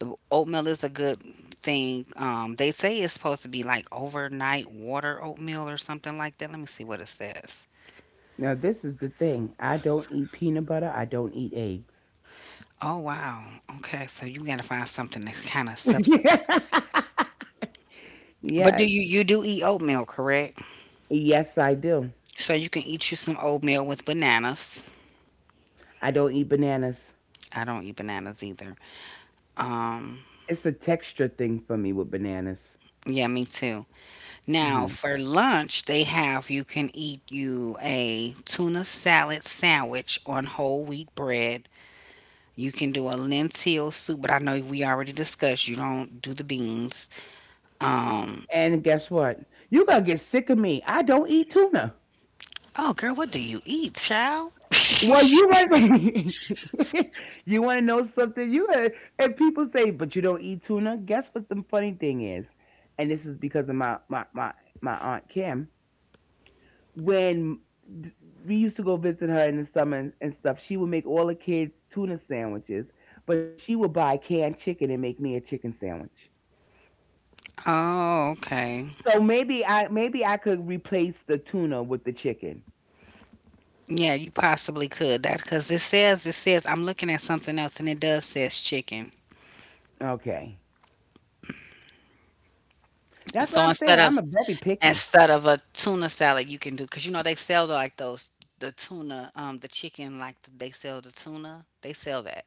S1: the oatmeal is a good thing. They say it's supposed to be like overnight water oatmeal or something like that. Let me see what it says.
S2: Now this is the thing: I don't eat peanut butter, I don't eat eggs.
S1: Oh wow. Okay, so you gotta find something that's kind of substitute. But do
S2: Yes.
S1: you you do eat oatmeal, correct?
S2: Yes, I do.
S1: So you can eat you some oatmeal with bananas.
S2: I don't eat bananas.
S1: I don't eat bananas either. Um,
S2: It's a texture thing for me with bananas.
S1: yeah, me too. Now
S2: Hmm.
S1: for lunch, they have you can eat you a tuna salad sandwich on whole wheat bread. You can do a lentil soup, but I know we already discussed you don't do the beans. Um,
S2: And guess what? You going to get sick of me. I don't eat tuna.
S1: oh girl, what do you eat, child?
S2: Well, you want, you want to know something? And people say, but you don't eat tuna. Guess what the funny thing is? And this is because of my aunt Kim. When d- we used to go visit her in the summer and stuff, she would make all the kids tuna sandwiches, but she would buy canned chicken and make me a chicken sandwich.
S1: Oh, okay.
S2: So maybe I could replace the tuna with the chicken.
S1: Yeah, you possibly could that because it says I'm looking at something else and it does says chicken.
S2: Okay, that's what
S1: So
S2: I'm saying.
S1: instead
S2: I'm
S1: of
S2: a very picky.
S1: instead of a tuna salad you can do because you know they sell like those the tuna, the chicken, like they sell the tuna, they sell that.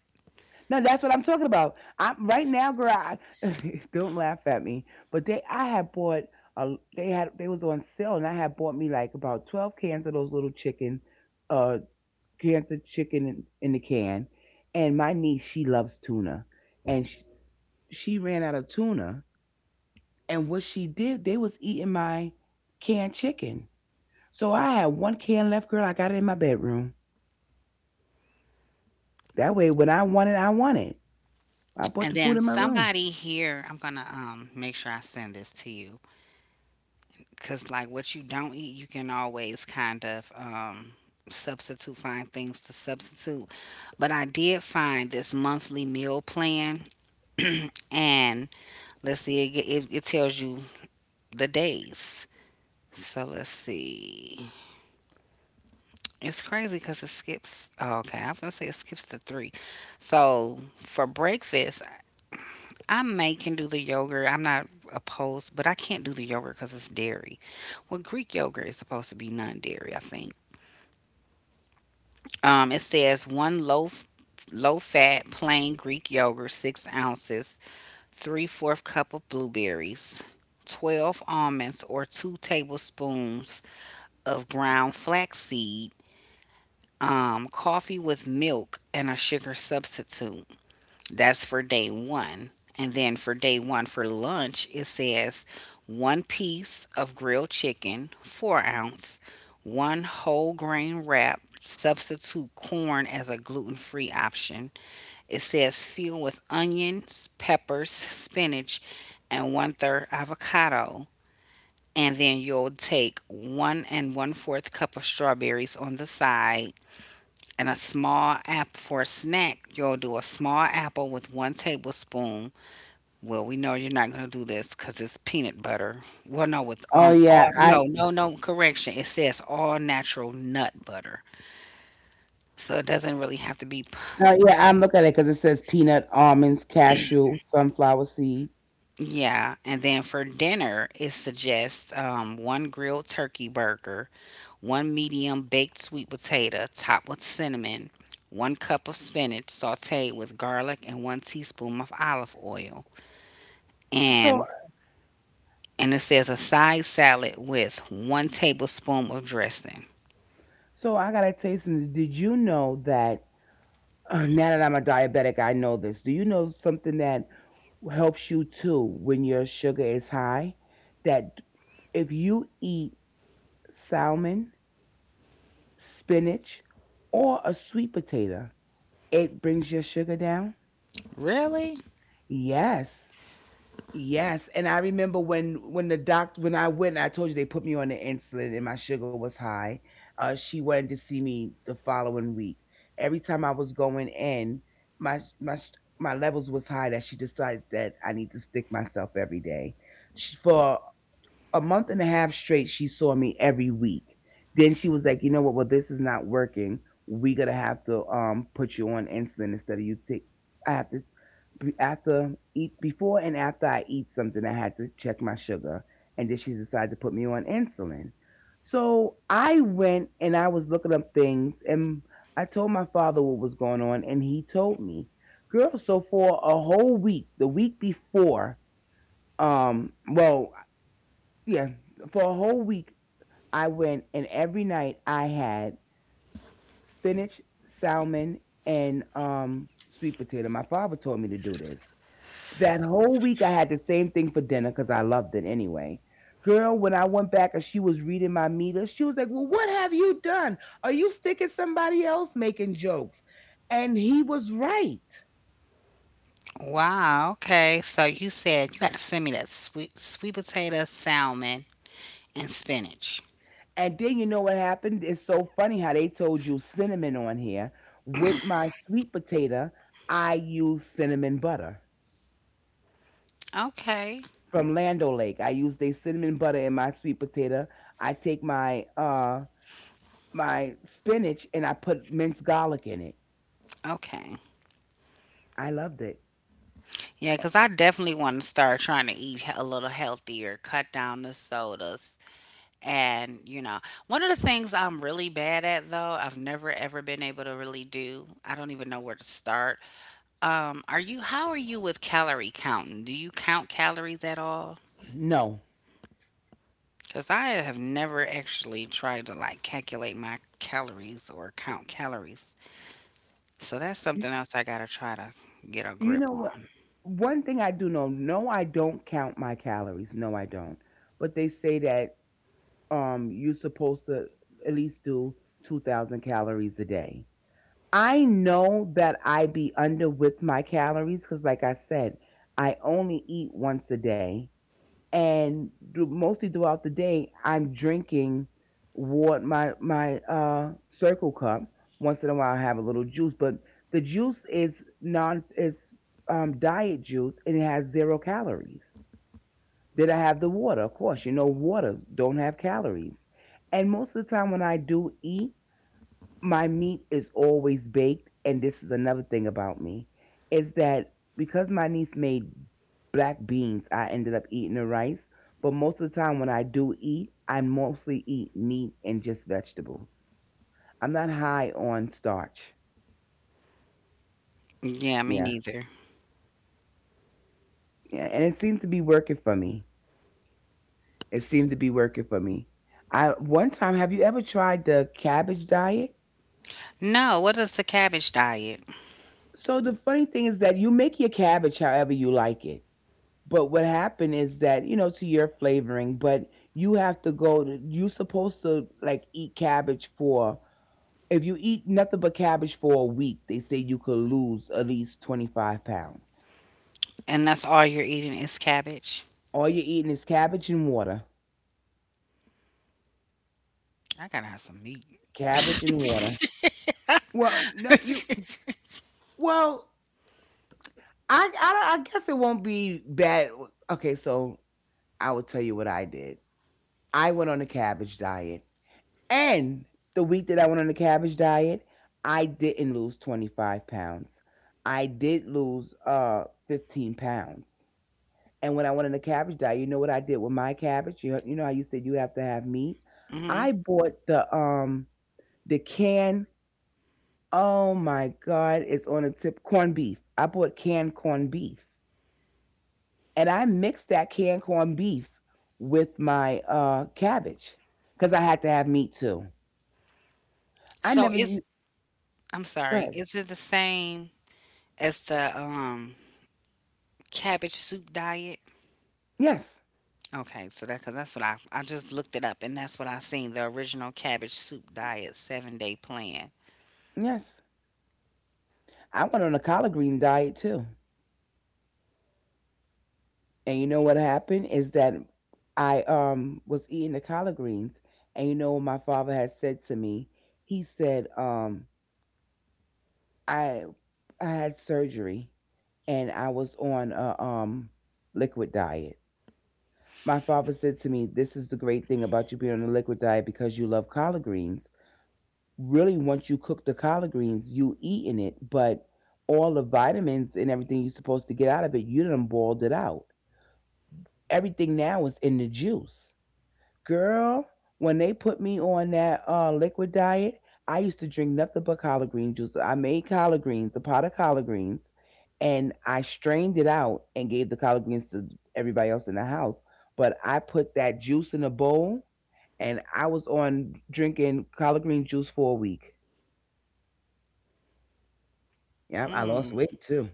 S2: No, that's what I'm talking about. I'm right now, girl. I, don't laugh at me, but they I had bought a, they was on sale and I had bought me like about 12 cans of those little chicken uh, cancer chicken in the can, and my niece she loves tuna, and she ran out of tuna, and what she did, they was eating my canned chicken. So I had one can left, girl. I got it in my bedroom. That way, when I want it, I want it. I put
S1: And
S2: the food
S1: then
S2: in my room.
S1: somebody here, I'm gonna, make sure I send this to you because like what you don't eat you can always kind of, substitute, find things to substitute. But I did find this monthly meal plan, and let's see, it tells you the days, so let's see. It's crazy because it skips. Oh, okay, I was gonna say it skips to three. So for breakfast, I may can do the yogurt. I'm not opposed, but I can't do the yogurt because it's dairy. Well, Greek yogurt is supposed to be non-dairy, I think. It says one loaf, low-fat plain Greek yogurt, 6 ounces, three-fourth cup of blueberries, 12 almonds, or two tablespoons of ground flaxseed, coffee with milk and a sugar substitute. That's for day one. And then for day one for lunch, it says one piece of grilled chicken, 4 ounce, one whole grain wrap, substitute corn as a gluten free option. It says fill with onions, peppers, spinach, and one third avocado. And then you'll take one and one fourth cup of strawberries on the side and a small apple for a snack. You'll do a small apple with one tablespoon. Well, we know you're not going to do this because it's peanut butter. Well, no, with,
S2: Oh
S1: all,
S2: yeah, I,
S1: no, no, no, correction. It says all natural nut butter. So it doesn't really have to be, p-
S2: oh yeah, I'm looking at it because it says peanut, almonds, cashew, sunflower seed.
S1: yeah. And then for dinner, it suggests, one grilled turkey burger, one medium baked sweet potato topped with cinnamon, one cup of spinach sauteed with garlic, and one teaspoon of olive oil.
S2: So,
S1: And and it says a side salad with one tablespoon of dressing.
S2: so I gotta tell you something. Did you know that? Now that I'm a diabetic, I know this. Do you know something that helps you too when your sugar is high. That if you eat salmon, spinach, or a sweet potato, it brings your sugar down.
S1: Really?
S2: Yes, yes. And I remember when the doctor when I went, I told you they put me on the insulin and my sugar was high. She wanted to see me the following week. Every time I was going in, my my my levels was high that she decided that I need to stick myself every day. She, for a month and a half straight she saw me every week, then she was like, you know what, well, this is not working, we gonna have to put you on insulin instead of you take, I have to, after eat, before and after I eat something I had to check my sugar, and then she decided to put me on insulin. So I went and I was looking up things, and I told my father what was going on and he told me, girl, so for a whole week the week before, um well yeah, for a whole week I went, and every night I had spinach, salmon, and sweet potato. My father told me to do this. That whole week I had the same thing for dinner because I loved it anyway. Girl, when I went back and she was reading my meter, she was like, "Well, what have you done? Are you sticking somebody else making jokes?" And he was right.
S1: Wow. Okay. So you said you got to send me that sweet potato, salmon, and spinach.
S2: And then you know what happened? It's so funny how they told you cinnamon on here. With my sweet potato, I use cinnamon butter
S1: Okay.
S2: from Lando Lake. I use a cinnamon butter in my sweet potato. I take my my spinach and I put minced garlic in it.
S1: Okay.
S2: I loved it.
S1: Yeah, because I definitely want to start trying to eat a little healthier, cut down the sodas. And, you know, one of the things I'm really bad at, though, I've never ever been able to really do, I don't even know where to start. Are you how are you with calorie counting? Do you count calories at all?
S2: No.
S1: Because I have never actually tried to like calculate my calories or count calories. So that's
S2: Y-
S1: something else I gotta try to get a
S2: You
S1: grip
S2: know what?
S1: on.
S2: One thing I do know, no, I don't count my calories. No, I don't. But they say that you're supposed to at least do 2000 calories a day. I know that I be under with my calories because, like I said, I only eat once a day, and mostly throughout the day, I'm drinking what my circle cup. Once in a while, I have a little juice, but the juice is non is diet juice and it has zero calories. Did I have the water? Of course, you know waters don't have calories, and most of the time when I do eat my meat is always baked. And this is another thing about me is that because my niece made black beans I ended up eating the rice, but most of the time when I do eat I mostly eat meat and just vegetables. I'm not high on starch.
S1: Yeah, me
S2: Yeah,
S1: neither.
S2: yeah, and it seems to be working for me, it seemed to be working for me. I one time Have you ever tried the cabbage diet?
S1: No, what is the cabbage diet?
S2: So the funny thing is that you make your cabbage however you like it. But what happened is that, you know, to your flavoring, but you have to go to, you supposed to like eat cabbage for, if you eat nothing but cabbage for a week, they say you could lose at least 25 pounds.
S1: And that's all you're eating is cabbage?
S2: All you're eating is cabbage and water.
S1: I gotta have some meat.
S2: Cabbage and water. Well, no, you, well, I guess it won't be bad. Okay, so I will tell you what I did. I went on a cabbage diet. And the week that I went on the cabbage diet, I didn't lose 25 pounds. I did lose 15 pounds. And when I went on the cabbage diet, you know what I did with my cabbage? You know how you said you have to have meat?
S1: Hmm.
S2: I bought the can. Oh my God, it's on the tip, corned beef. I bought canned corned beef. And I mixed that canned corned beef with my cabbage because I had to have meat too. I
S1: So
S2: never
S1: is
S2: used,
S1: I'm
S2: go
S1: sorry,
S2: ahead.
S1: is it the same as the, cabbage soup diet?
S2: Yes.
S1: Okay, so that because that's what I just looked it up and that's what I seen the original cabbage soup diet 7 day plan.
S2: Yes. I went on a collard green diet too. And you know what happened is that I was eating the collard greens and you know what my father had said to me? He said, I I had surgery and I was on a liquid diet. My father said to me, this is the great thing about you being on a liquid diet because you love collard greens. Really once you cook the collard greens, you eating it, but all the vitamins and everything you're supposed to get out of it, you done boiled it out. Everything now is in the juice. Girl, when they put me on that liquid diet, I used to drink nothing but collard green juice. I made collard greens, a pot of collard greens, and I strained it out and gave the collard greens to everybody else in the house. But I put that juice in a bowl, and I was on drinking collard green juice for a week. Yeah, I
S1: Mm.
S2: lost weight too.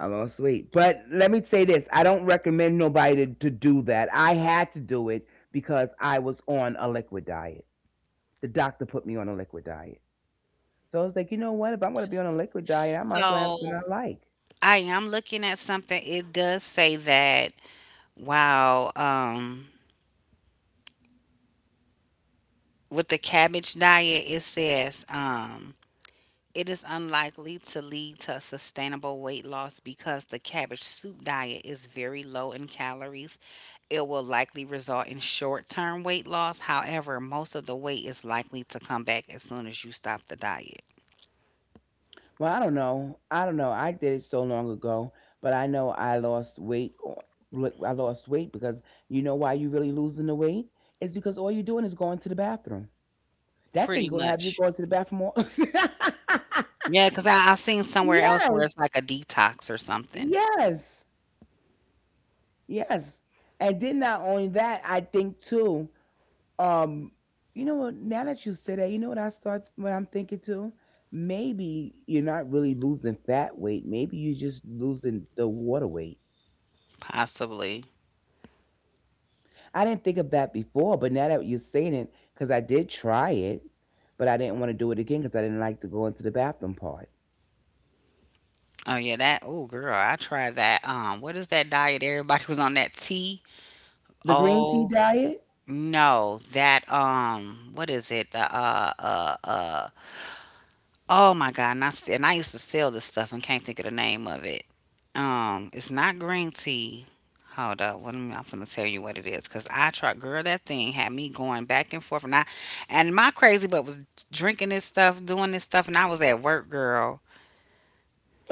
S2: I lost weight. But let me say this, I don't recommend nobody to do that. I had to do it because I was on a liquid diet. The doctor put me on a liquid diet. So I was like, you know what? If I'm going to be on a liquid diet, I might as well have something
S1: So
S2: I like.
S1: I am looking at something. It does say that wow, with the cabbage diet, it says, it is unlikely to lead to sustainable weight loss because the cabbage soup diet is very low in calories. It will likely result in short term weight loss. However, most of the weight is likely to come back as soon as you stop the diet.
S2: Well, I don't know. I don't know. I did it so long ago, but I know I lost weight. I lost weight because you know why you really losing the weight? It's because all you're doing is going to the bathroom. That thing
S1: Pretty
S2: will have you
S1: much.
S2: going to the bathroom all.
S1: Yeah, because I've seen somewhere else where
S2: Yes.
S1: it's like a detox or something,
S2: Yes. Yes. And then not only that, I think too, um, you know what, now that you say that, you know what I start what I'm thinking too? Maybe you're not really losing fat weight. Maybe you're just losing the water weight.
S1: possibly.
S2: I didn't think of that before, but now that you're saying it, because I did try it, but I didn't want to do it again because I didn't like to go into the bathroom part.
S1: Oh, yeah, that. Oh, girl, I tried that. What is that diet everybody was on? That tea?
S2: The green tea
S1: Oh,
S2: diet?
S1: no, that, what is it? The uh. Oh my God! And I used to sell this stuff and can't think of the name of it. It's not green tea. Hold up, what am I gonna tell you what it is? Cause I tried, girl, that thing had me going back and forth, and I, and my crazy butt was drinking this stuff, doing this stuff, and I was at work, girl.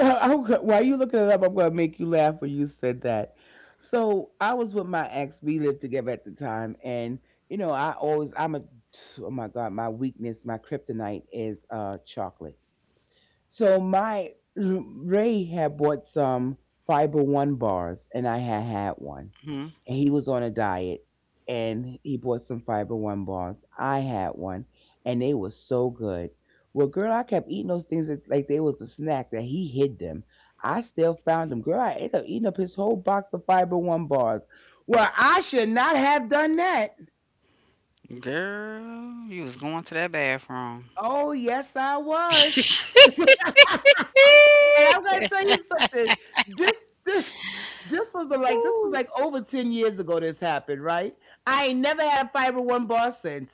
S2: While you looking it up, I'm going to make you laugh when you said that. So I was with my ex. We lived together at the time, and you know, I always, I'm a, oh my God, my weakness, my kryptonite is chocolate. So my Ray had bought some Fiber One bars, and I had had one,
S1: hmm
S2: and he was on a diet, and he bought some fiber one bars. I had one, and they were so good. Well, girl, I kept eating those things like they was a snack that he hid them. I still found them. Girl, I ended up eating up his whole box of fiber one bars. Well, I should not have done that.
S1: Girl, you was going to that bathroom,
S2: Oh, yes, I was. And I'm gonna tell you something. This this this was like this was like over 10 years ago. This happened, right? I ain't never had a fiber one bar since.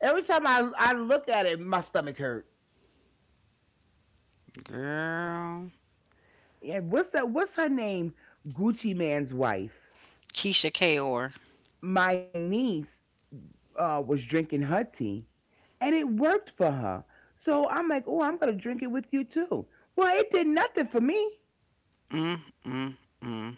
S2: Every time I look at it, my stomach hurt.
S1: girl.
S2: Yeah, what's that? What's her name? Gucci Man's wife.
S1: Keisha Kaur.
S2: My niece was drinking her tea, and it worked for her. So I'm like, oh, I'm gonna drink it with you too. Well, it did nothing for me.
S1: Mm, mm, mm.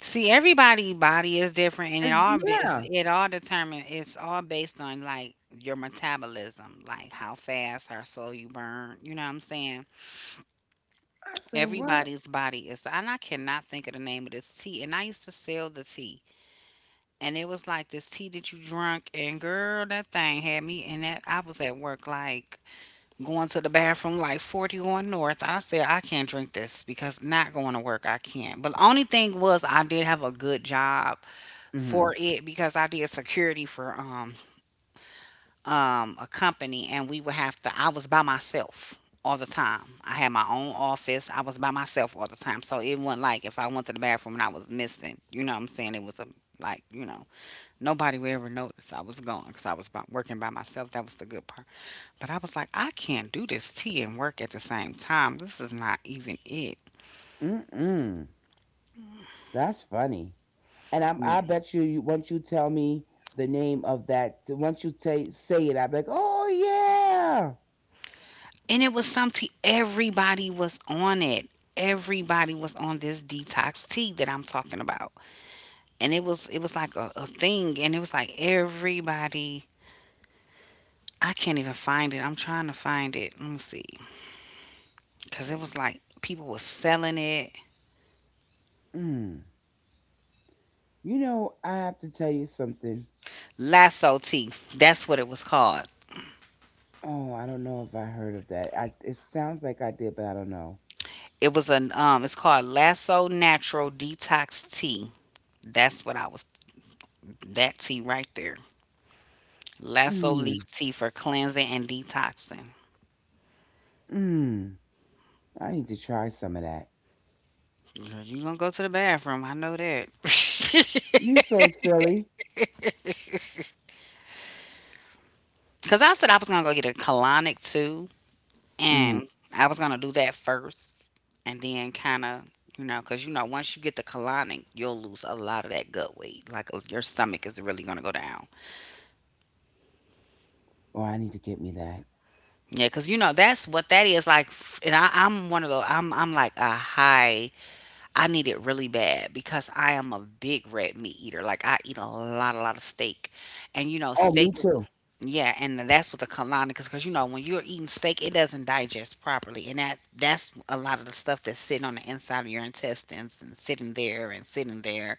S1: See, everybody' body is different, and it all be- is
S2: Yeah.
S1: it all determined. It's all based on like your metabolism, like how fast, how slow you burn. You know what I'm saying?
S2: I said, what?
S1: Everybody's body is, and I cannot think of the name of this tea. And I used to sell the tea, and it was like this tea that you drunk, and girl, that thing had me. And that I was at work like going to the bathroom like 41 north. I said I can't drink this because not going to work, I can't. But the only thing was I did have a good job
S2: Mm-hmm.
S1: for it because I did security for a company, and we would have to, I was by myself all the time. I had my own office. I was by myself all the time, so it wasn't like if I went to the bathroom and I was missing, you know what I'm saying, it was a, like you know nobody would ever notice I was gone because I was working by myself. That was the good part. But I was like, I can't do this tea and work at the same time. This is not even it.
S2: Mm-mm. That's funny. And
S1: Yeah.
S2: I bet you, once you tell me the name of that, once you say it, I be like, oh
S1: And it was some tea. Everybody was on it. Everybody was on this detox tea that I'm talking about. And it was like a thing. And it was like everybody, I can't even find it. I'm trying to find it. Let me see. Cause it was like people were selling it.
S2: yeah. Mm. You know, I have to tell you something.
S1: Lasso tea. That's what it was called.
S2: Oh, I don't know if I heard of that. It sounds like I did, but I don't know.
S1: It was an it's called Lasso Natural Detox Tea. That's what I was. That tea right there. Lasso
S2: Mm,
S1: leaf tea for cleansing and detoxing.
S2: mm. I need to try some of that.
S1: Girl, you gonna go to the bathroom. I know that.
S2: You so silly.
S1: Cause I said I was gonna go get a colonic too,
S2: Mm.
S1: and I was gonna do that first, and then kind of, you know, cause you know once you get the colonic, you'll lose a lot of that gut weight. Like your stomach is really gonna go down.
S2: Oh, I need to get me that.
S1: Yeah, cause you know that's what that is like. And I'm one of those. I'm like a high, I need it really bad because I am a big red meat eater. Like I eat a lot of steak, and you know,
S2: Oh, me
S1: steak is,
S2: too.
S1: yeah, and that's what the colonic is because you know when you're eating steak, it doesn't digest properly, and that's a lot of the stuff that's sitting on the inside of your intestines and sitting there and sitting there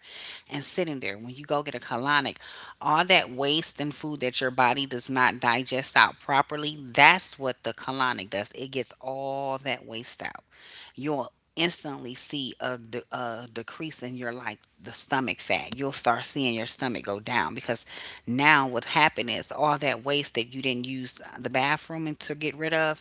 S1: and sitting there. When you go get a colonic, all that waste and food that your body does not digest out properly, that's what the colonic does. It gets all that waste out. You'll instantly see a, a decrease in your, like the stomach fat. You'll start seeing your stomach go down because now what happened is all that waste that you didn't use the bathroom and to get rid of,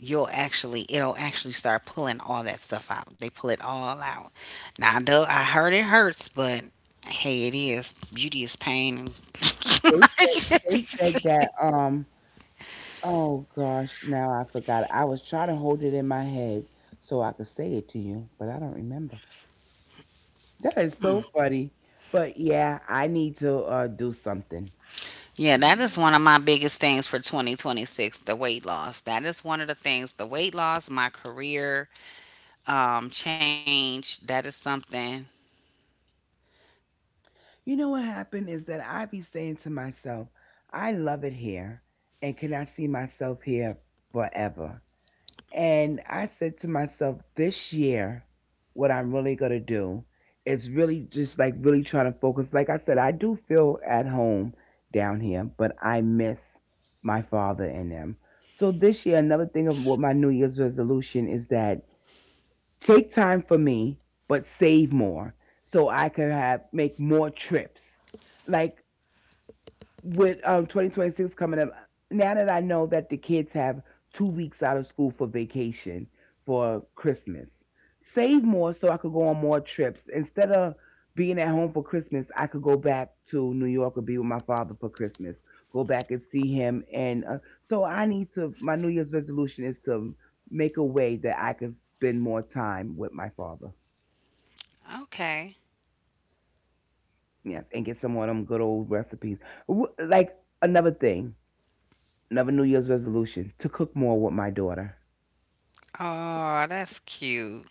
S1: you'll actually, it'll actually start pulling all that stuff out. They pull it all out. Now I know I heard it hurts, but hey, it is, beauty is pain.
S2: They said they said that. Oh gosh, now I forgot. I was trying to hold it in my head so I could say it to you, but I don't remember. That is so funny. But yeah, I need to do something.
S1: Yeah, that is one of my biggest things for 2026, the weight loss. That is one of the things, the weight loss, my career, change, that is something.
S2: You know what happened is that I be saying to myself, I love it here, and can I see myself here forever? And I said to myself, this year, what I'm really going to do is really just like really trying to focus. Like I said, I do feel at home down here, but I miss my father and them. So this year, another thing of what my New Year's resolution is that take time for me, but save more so I could have make more trips. Like with 2026 coming up, now that I know that the kids have 2 weeks out of school for vacation for Christmas, save more so I could go on more trips. Instead of being at home for Christmas, I could go back to New York or be with my father for Christmas, go back and see him. And so I need to, my New Year's resolution is to make a way that I can spend more time with my father.
S1: Okay.
S2: Yes, and get some of them good old recipes. Like another thing, another New Year's resolution to cook more with my daughter.
S1: Oh, that's cute.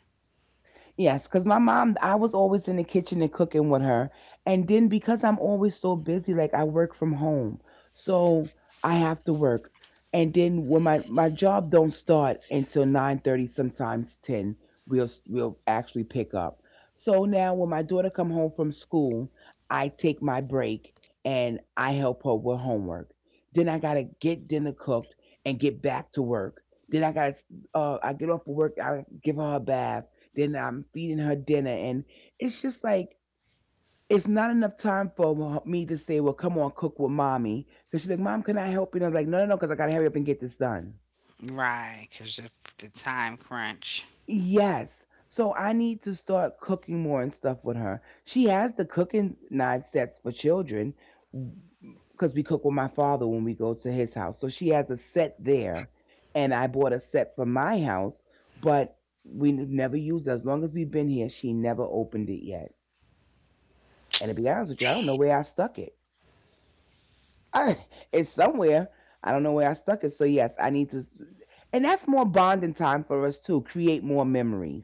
S2: Yes, because my mom, I was always in the kitchen and cooking with her. And then because I'm always so busy, like I work from home. So I have to work. And then when my job don't start until 9:30, sometimes 10, we'll actually pick up. So now when my daughter come home from school, I take my break and I help her with homework. Then I gotta get dinner cooked and get back to work. Then I get off of work, I give her a bath, then I'm feeding her dinner, and it's just like it's not enough time for me to say, "Well, come on, cook with mommy," because she's like, "Mom, can I help you?" And I'm like, "No, no, no, because I gotta hurry up and get this done."
S1: Right, because the time crunch.
S2: Yes. So I need to start cooking more and stuff with her. She has the cooking knife sets for children because we cook with my father when we go to his house. So she has a set there, and I bought a set for my house, but we have never used it. As long as we've been here, she never opened it yet. And to be honest with you, I don't know where I stuck it. I, it's somewhere. I don't know where I stuck it. So yes, I need to. And that's more bonding time for us too. Create more memories.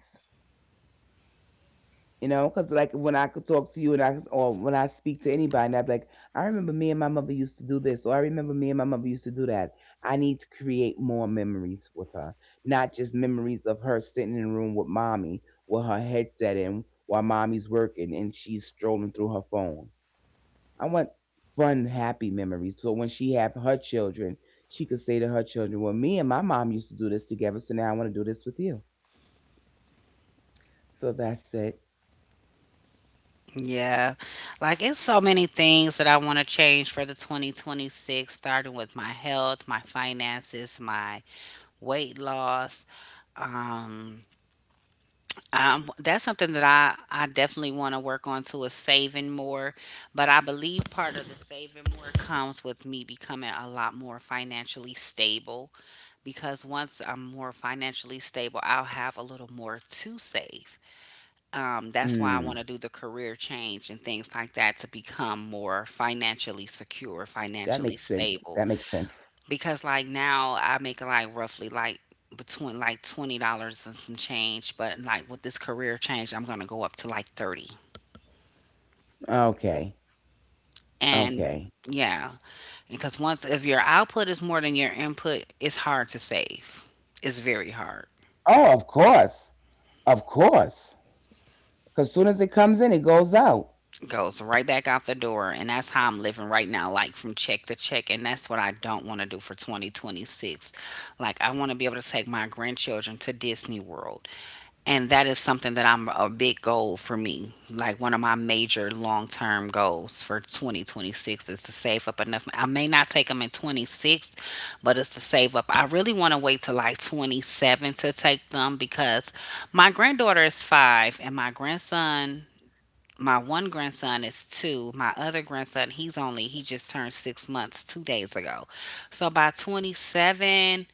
S2: You know, because like when I could talk to you and or when I speak to anybody, and I'd be like, I remember me and my mother used to do this, or I remember me and my mother used to do that. I need to create more memories with her, not just memories of her sitting in the room with mommy with her headset in while mommy's working and she's strolling through her phone. I want fun, happy memories. So when she have her children, she could say to her children, "Well, me and my mom used to do this together, so now I want to do this with you." So that's it.
S1: Yeah. Like, it's so many things that I want to change for the 2026, starting with my health, my finances, my weight loss, um, that's something that I definitely want to work on too is saving more. But I believe part of the saving more comes with me becoming a lot more financially stable because once I'm more financially stable, I'll have a little more to save. That's why I
S2: Mm,
S1: want to do the career change and things like that to
S2: that
S1: become
S2: makes sense.
S1: more
S2: That makes
S1: financially
S2: sense.
S1: secure, financially stable, because like now I make like roughly like between like $20 and some change, but like with this career change, I'm gonna go up to like 30.
S2: Okay.
S1: And
S2: Okay.
S1: yeah, because once if your output is more than your input, it's hard to save. It's very hard.
S2: Oh, of course. Of course. Because soon as it comes in, it goes out.
S1: Goes right back out the door, and that's how I'm living right now, like from check to check, and that's what I don't want to do for 2026. Like I want to be able to take my grandchildren to Disney World, and that is something that I'm a big goal for me. Like one of my major long term goals for 2026 is to save up enough. I may not take them in 26, but it's to save up. I really want to wait till like 27 to take them because my granddaughter is 5 and my grandson, my one grandson is 2. My other grandson, he's only, he just turned 6 months 2 days ago. So by 27,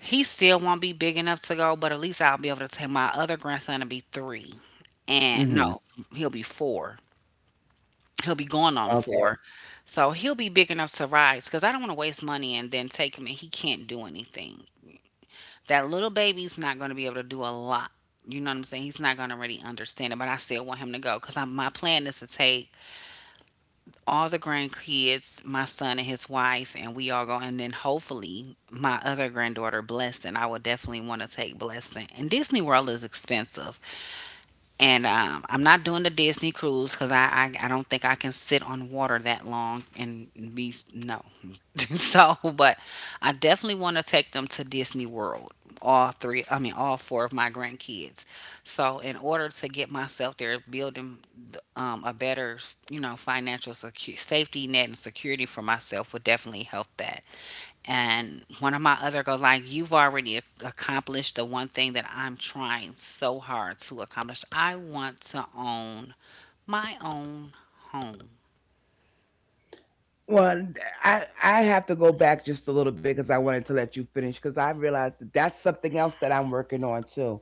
S1: he still won't be big enough to go, but at least I'll be able to take my other grandson to be 3. And
S2: Hmm.
S1: no, he'll be 4. He'll be going on 4. So he'll be big enough to ride because I don't want to waste money and then take him and he can't do anything. That little baby's not going to be able to do a lot. You know what I'm saying? He's not going to really understand it, but I still want him to go because my plan is to take all the grandkids, my son and his wife, and we all go. And then hopefully my other granddaughter, Blessing. I would definitely want to take Blessing. And Disney World is expensive. And I'm not doing the Disney cruise because I don't think I can sit on water that long and be no. So, but I definitely want to take them to Disney World. All three, I mean, all four of my grandkids. So, in order to get myself there, building a better, you know, financial safety net and security for myself would definitely help that. And one of my other goals, like you've already accomplished the one thing that I'm trying so hard to accomplish. I want to own my own home.
S2: Well, I have to go back just a little bit because I wanted to let you finish because I realized that that's something else that I'm working on too.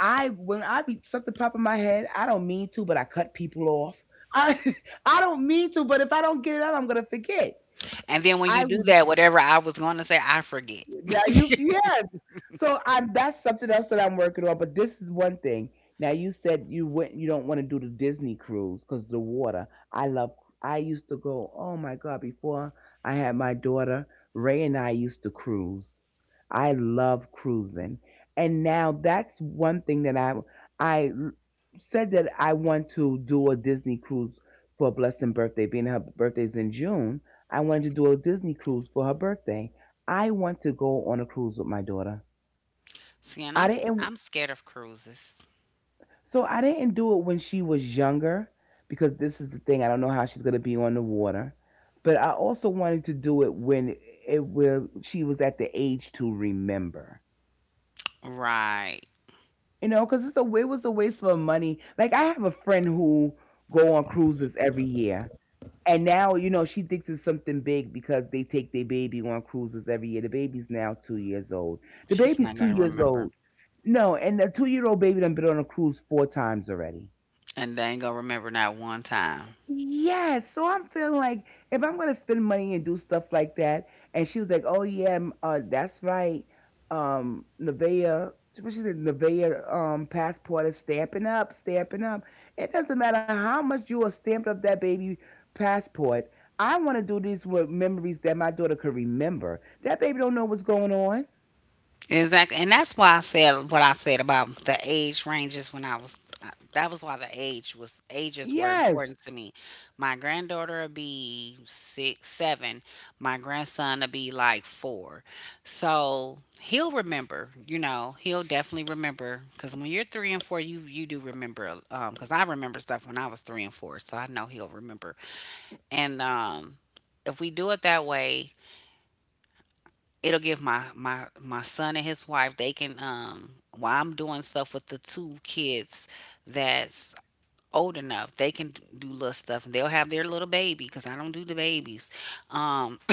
S2: I when I be Something pop in my head, I don't mean to, but I cut people off. I I don't mean to, but if I don't get it out, I'm gonna forget.
S1: And then when you
S2: I
S1: do that, whatever I was going to say, I forget.
S2: now you Yes. So I'm that's something else that I'm working on. But this is one thing. Now you said you don't want to do the Disney cruise because the water. I love, I used to go, oh my God, before I had my daughter, Ray and I used to cruise. I love cruising. And now that's one thing that I l- said that I want to do a Disney cruise for a blessing birthday, being her birthday's in June. I wanted to do a Disney cruise for her birthday. I want to go on a cruise with my daughter.
S1: See, and
S2: I didn't
S1: I'm scared of cruises.
S2: So I didn't do it when she was younger because this is the thing, I don't know how she's going to be on the water. But I also wanted to do it when it will she was at the age to remember.
S1: Right.
S2: You know, cuz it was a waste of money. Like I have a friend who go on cruises every year. And now, you know, she thinks it's something big because they take their baby on cruises every year. The baby's now 2 years old. The
S1: She's
S2: baby's
S1: not
S2: two
S1: gonna
S2: years old.
S1: remember.
S2: No, and the 2 year old baby done been on a cruise 4 times already.
S1: And they ain't gonna remember not one time.
S2: Yes, so I'm feeling like if I'm gonna spend money and do stuff like that, and she was like, "Oh yeah, that's right, Nevea." What she said, Nevea passport is stamping up. It doesn't matter how much you are stamped up that baby passport. I want to do these with memories that my daughter could remember. That baby don't know what's going on.
S1: Exactly. And that's why I said what I said about the age ranges when I was that was why the age was ages were
S2: Yes,
S1: important to me. My granddaughter would be six, seven. My grandson would be like 4. So he'll remember, you know, he'll definitely remember because when you're three and four, you do remember. Because I remember stuff when I was three and four, so I know he'll remember. And if we do it that way, it'll give my son and his wife, they can um, while I'm doing stuff with the two kids that's old enough, they can do little stuff and they'll have their little baby because I don't do the babies, um.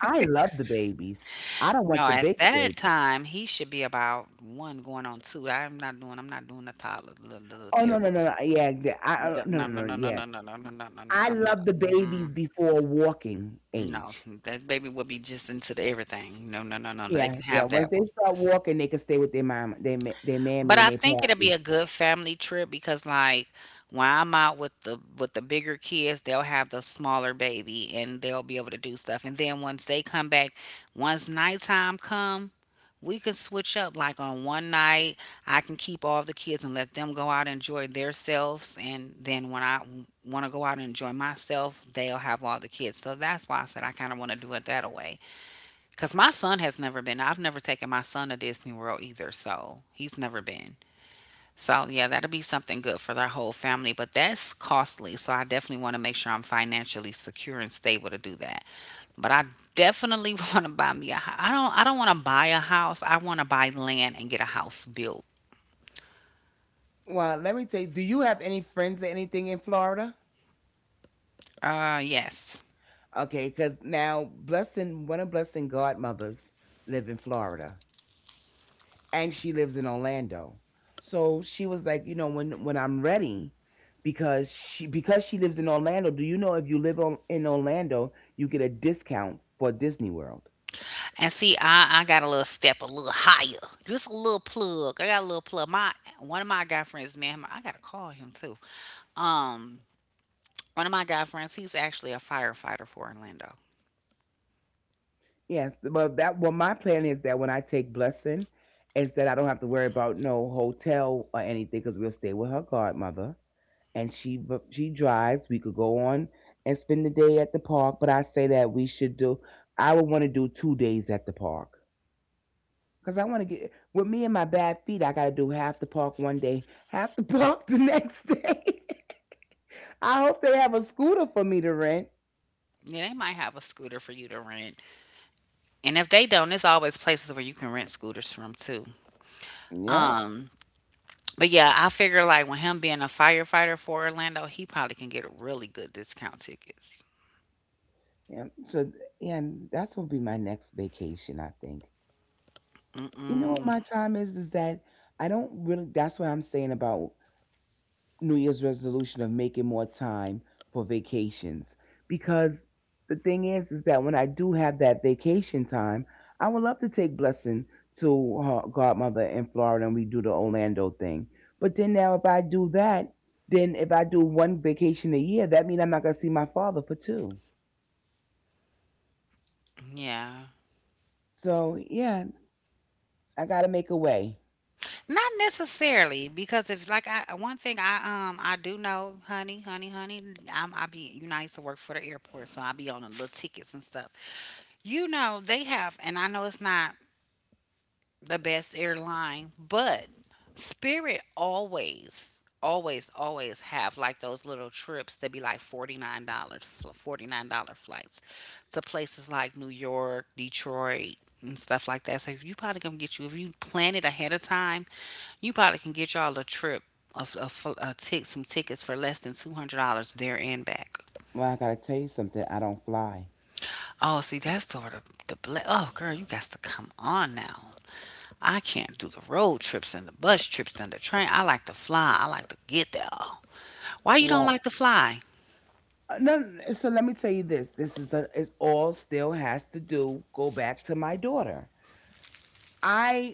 S2: I love the babies. I don't want
S1: No,
S2: the
S1: at
S2: big kids.
S1: that time he should be about one going on two. I'm not doing a toddler, little, little
S2: Oh no
S1: terrible.
S2: no no no yeah the- I-
S1: Yeah,
S2: no
S1: no
S2: no
S1: no
S2: no
S1: no no
S2: yeah
S1: no no no no no no no
S2: I
S1: I'm not.
S2: love the
S1: Mm,
S2: babies before walking
S1: no,
S2: age.
S1: that baby will be just into the everything. No, they
S2: Yeah,
S1: can
S2: yeah.
S1: have
S2: Once
S1: that.
S2: they start walking, they can stay with their mama, their their
S1: But
S2: mammy, and
S1: I
S2: their
S1: think it'll be
S2: pappy.
S1: a good family trip because like when I'm out with the bigger kids, they'll have the smaller baby and they'll be able to do stuff. And then once they come back, once nighttime come, we can switch up. Like on one night, I can keep all the kids and let them go out and enjoy themselves. And then when I want to go out and enjoy myself, they'll have all the kids. So that's why I said I kind of want to do it that way. Cause my son has never been. I've never taken my son to Disney World either, so he's never been. So yeah, that'll be something good for their whole family, but that's costly. So I definitely want to make sure I'm financially secure and stable to do that. But I definitely want to buy me a I don't want to buy a house. I want to buy land and get a house built.
S2: Well, let me tell you. Do you have any friends or anything in Florida?
S1: Uh, yes.
S2: Okay, because now blessing, one of blessing godmothers live in Florida, and she lives in Orlando. So she was like, you know, when I'm ready, because because she lives in Orlando. Do you know if you live in Orlando, you get a discount for Disney World?
S1: And see, I got a little step, a little higher. Just a little plug. I got a little plug. My, one of my guy friends, man, I gotta call him too. Um, one of my guy friends, he's actually a firefighter for Orlando.
S2: Yes, well, my plan is that when I take Blessing, is that I don't have to worry about no hotel or anything because we'll stay with her godmother, and she drives. We could go on and spend the day at the park, but I say that we should do. I would want to do 2 days at the park because I want to get with me and my bad feet. I got to do half the park one day, half the park the next day. I hope they have a scooter for me to rent.
S1: Yeah, they might have a scooter for you to rent. And if they don't, it's always places where you can rent scooters from too.
S2: Yeah,
S1: Um, but yeah, I figure like with him being a firefighter for Orlando, he probably can get really good discount tickets.
S2: yeah. So yeah, that's will be my next vacation, I think. You know what
S1: Mm-mm,
S2: my time is that I don't really, that's what I'm saying about New Year's resolution of making more time for vacations, because the thing is that when I do have that vacation time, I would love to take Blessing to her godmother in Florida and we do the Orlando thing. But then now if I do that, then if I do one vacation a year, that means I'm not gonna see my father for two.
S1: yeah,
S2: So yeah, I gotta make a way.
S1: not necessarily because if like I one thing I do know, honey, honey, honey, I be I used to work for the airport, so I be on the little tickets and stuff. You know they have, and I know it's not the best airline, but Spirit always, always, always have like those little trips that be like $49, dollars, $49 flights to places like New York, Detroit, and stuff like that. So if you probably gonna get you, if you plan it ahead of time, you probably can get y'all a trip of some tickets for less than $200 there and back.
S2: Well, I gotta tell you something, I don't fly.
S1: Oh, see, that's sort of oh girl, you got to come on now. I can't do the road trips and the bus trips and the train. I like to fly. I like to get there. Why you don't like to fly?
S2: No, no, no, so let me tell you this. This is a, it all still has to do, go back to my daughter. I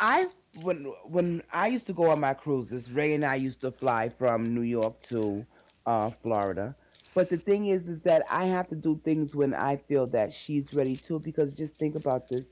S2: I when when I used to go on my cruises, Ray and I used to fly from New York to Florida. But the thing is that I have to do things when I feel that she's ready to. Because just think about this,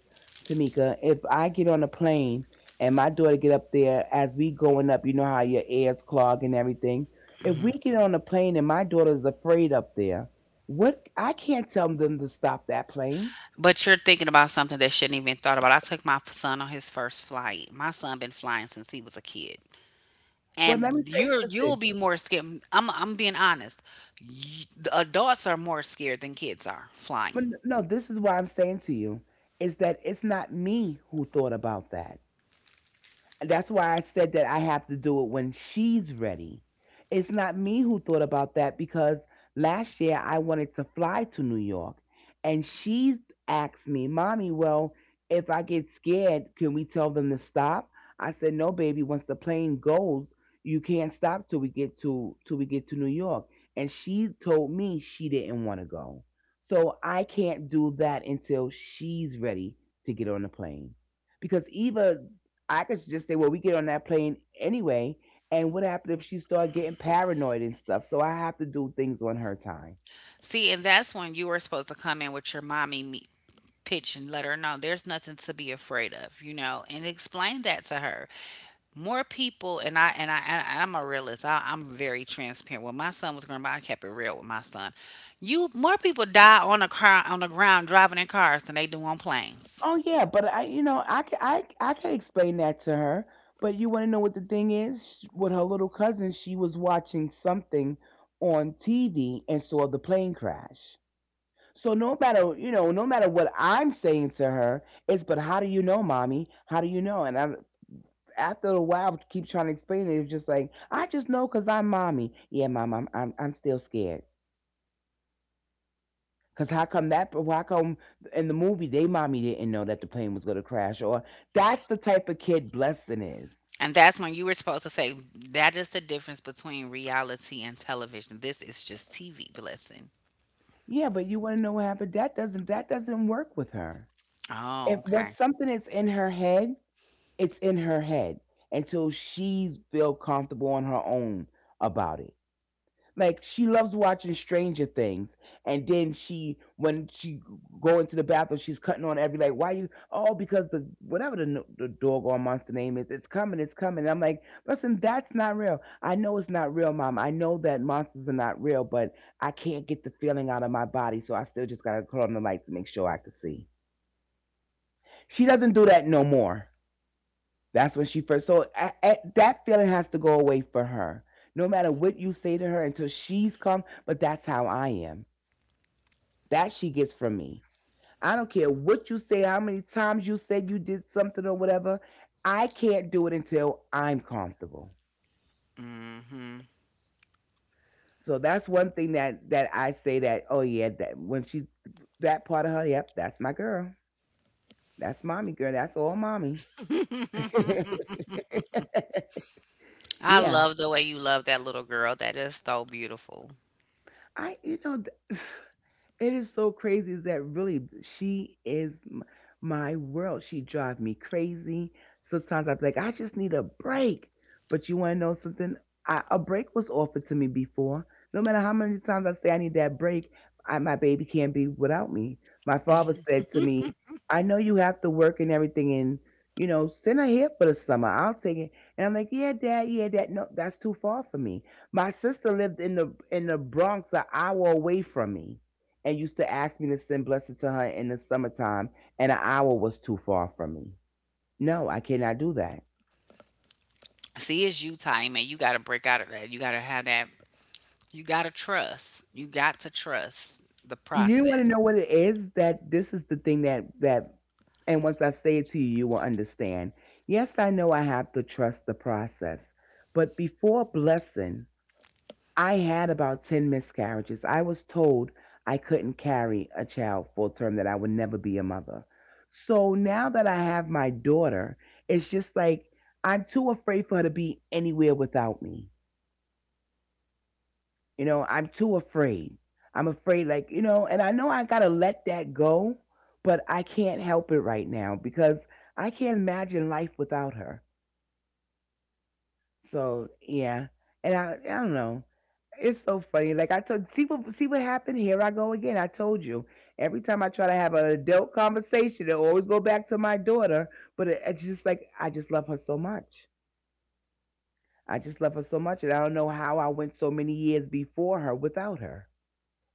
S2: Tamika. If I get on a plane and my daughter get up there, as we going up, you know how your ears clog and everything. If we get on a plane and my daughter is afraid up there, what I can't tell them to stop that plane.
S1: But you're thinking about something that shouldn't even thought about. I took my son on his first flight. My son been flying since he was a kid,
S2: Well, let me
S1: and
S2: tell you something.
S1: you'll be more scared. I'm being honest. The adults are more scared than kids are
S2: But
S1: flying.
S2: no, this is what I'm saying to you is that it's not me who thought about that. That's why I said that I have to do it when she's ready. It's not me who thought about that because last year I wanted to fly to New York and she asked me, Mommy, well, if I get scared, can we tell them to stop? I said, no, baby, once the plane goes, you can't stop till we get to till we get to New York. And she told me she didn't want to go. So I can't do that until she's ready to get on the plane. Because Eva, I could just say, well, we get on that plane anyway. And what happened if she started getting paranoid and stuff? So I have to do things on her time.
S1: See, and that's when you were supposed to come in with your pitch and let her know there's nothing to be afraid of, you know, and explain that to her. More people and I'm a realist. I'm very transparent. When my son was growing up, I kept it real with my son. You More people die on the ground driving in cars than they do on planes.
S2: Oh yeah, but I can, I can explain that to her. But you want to know what the thing is? With her little cousin, she was watching something on TV and saw the plane crash. So no matter, you know, no matter what I'm saying to her, it's but how do you know, mommy? How do you know? And I, after a while, to keep trying to explain it. It's just like, I just know because I'm mommy. Yeah, mom, I'm still scared. Because how come in the movie, they mommy didn't know that the plane was going to crash? Or that's the type of kid Blessing is.
S1: And that's when you were supposed to say that is the difference between reality and television. This is just TV blessing.
S2: Yeah, but you want to know what happened? That doesn't work with her.
S1: Oh,
S2: If what
S1: okay.
S2: something is in her head, it's in her head until she's feel comfortable on her own about it. Like she loves watching Stranger Things, and then she go into the bathroom, she's cutting on every, like, why you? Oh, because the whatever the the doggone monster name is, it's coming, it's coming. And I'm like, listen, that's not real. I know it's not real, mom. I know that monsters are not real, but I can't get the feeling out of my body, so I still just gotta cut on the light to make sure I can see. She doesn't do that no more. That's when she first. So that feeling has to go away for her. No matter what you say to her until she's come, but that's how I am. That she gets from me. I don't care what you say, how many times you said you did something or whatever. I can't do it until I'm comfortable.
S1: Hmm.
S2: So that's one thing that I say that, oh yeah, that when she, that part of her, yep, that's my girl, that's mommy girl, that's all mommy.
S1: I
S2: Yeah,
S1: love the way you love that little girl. That is so beautiful.
S2: I you know. Th- it is so crazy is that really she is my world. She drives me crazy. Sometimes I'm like, I just need a break. But you want to know something? I, a break was offered to me before. No matter how many times I say I need that break, I, my baby can't be without me. My father said to me, I know you have to work and everything and, you know, send her here for the summer. I'll take it. And I'm like, yeah, dad, yeah, dad. No, that's too far for me. My sister lived in the Bronx, an hour away from me and used to ask me to send Blessed to her in the summertime, and an hour was too far from me. No, I cannot do that.
S1: See, it's you time, and you got to break out of that. You got to have that. You gotta trust. You got to trust the
S2: You want to
S1: process.
S2: know what it is that this is the thing that, and once I say it to you, you will understand. Yes, I know I have to trust the process, but before blessing. I had about 10 miscarriages. I was told I couldn't carry a child full term, that I would never be a mother. So now that I have my daughter, it's just like I'm too afraid for her to be anywhere without me. You know, I'm too afraid. I'm afraid, like, you know, and I know I got to let that go, but I can't help it right now because I can't imagine life without her. So, yeah. And I don't know. It's so funny. Like I told, see what happened. Here I go again. I told you. Every time I try to have an adult conversation, it always go back to my daughter. But it's just like I just love her so much. I just love her so much, and I don't know how I went so many years before her without her,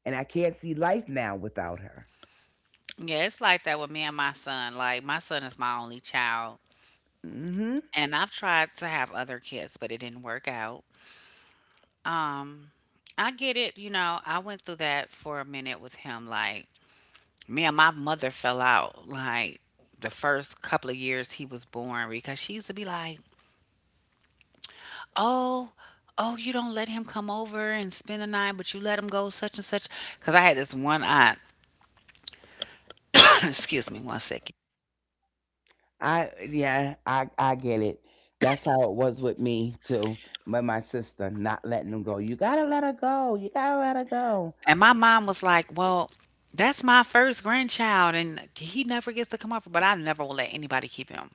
S2: and I can't see life now without her.
S1: Yeah, it's like that with me and my son. Like my son is my only child,
S2: Mhm.
S1: and I've tried to have other kids, but it didn't work out. Um, I get it. You know, I went through that for a minute with him. Like me and my mother fell out. Like the first couple of years he was born because she used to be like, "Oh, oh, you don't let him come over and spend the night, but you let him go such and such." Because I had this one aunt. Excuse me, one second.
S2: I yeah. I get it. That's how it was with me too. My sister not letting them go. You gotta let her go. You gotta let her go.
S1: And my mom was like, well, that's my first grandchild, and he never gets to come over. But I never will let anybody keep him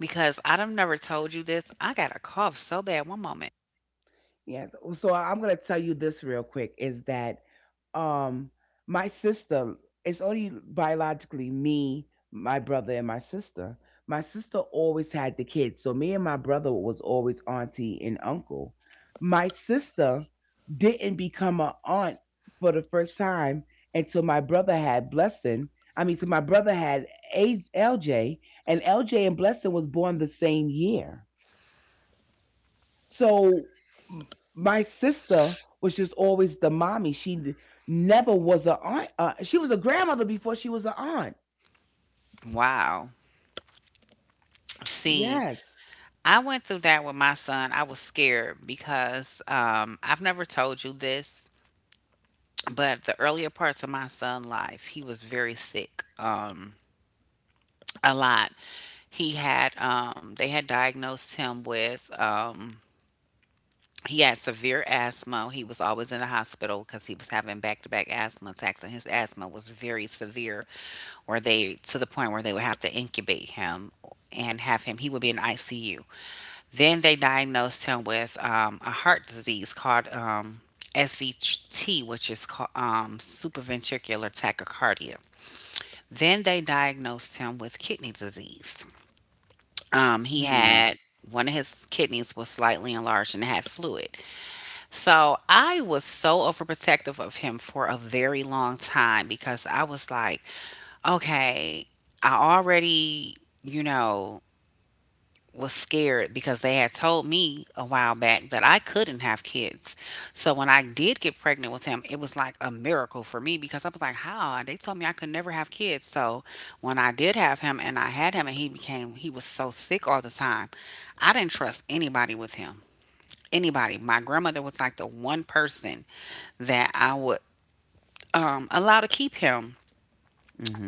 S1: because I've never told you this. I got a cough so bad one moment.
S2: Yes. Well, so I'm gonna tell you this real quick is that um my sister, it's only biologically me, my brother and my sister. My sister always had the kids, so me and my brother was always auntie and uncle. My sister didn't become an aunt for the first time until my brother had blessing. I mean, so my brother had LJ, and LJ and Blessing was born the same year. So m- my sister was just always the mommy. Never was a aunt. She was a grandmother before she was an aunt.
S1: Wow. See,
S2: Yes.
S1: I went through that with my son. I was scared because I've never told you this, but the earlier parts of my son's life, he was very sick. A lot. He had, they had diagnosed him with he had severe asthma. He was always in the hospital because he was having back to back asthma attacks, and his asthma was very severe, where to the point where they would have to incubate him and have him, he would be in ICU. Then they diagnosed him with a heart disease called SVT, which is called supraventricular tachycardia. Then they diagnosed him with kidney disease. He
S2: Mm-hmm.
S1: had One of his kidneys was slightly enlarged and had fluid. So I was so overprotective of him for a very long time because I was like, okay, I already, you know, was scared because they had told me a while back that I couldn't have kids. So when I did get pregnant with him, it was like a miracle for me because I was like, how? They told me I could never have kids. So when I did have him and he became, he was so sick all the time, I didn't trust anybody with him, anybody. My grandmother was like the one person that I would allow to keep him,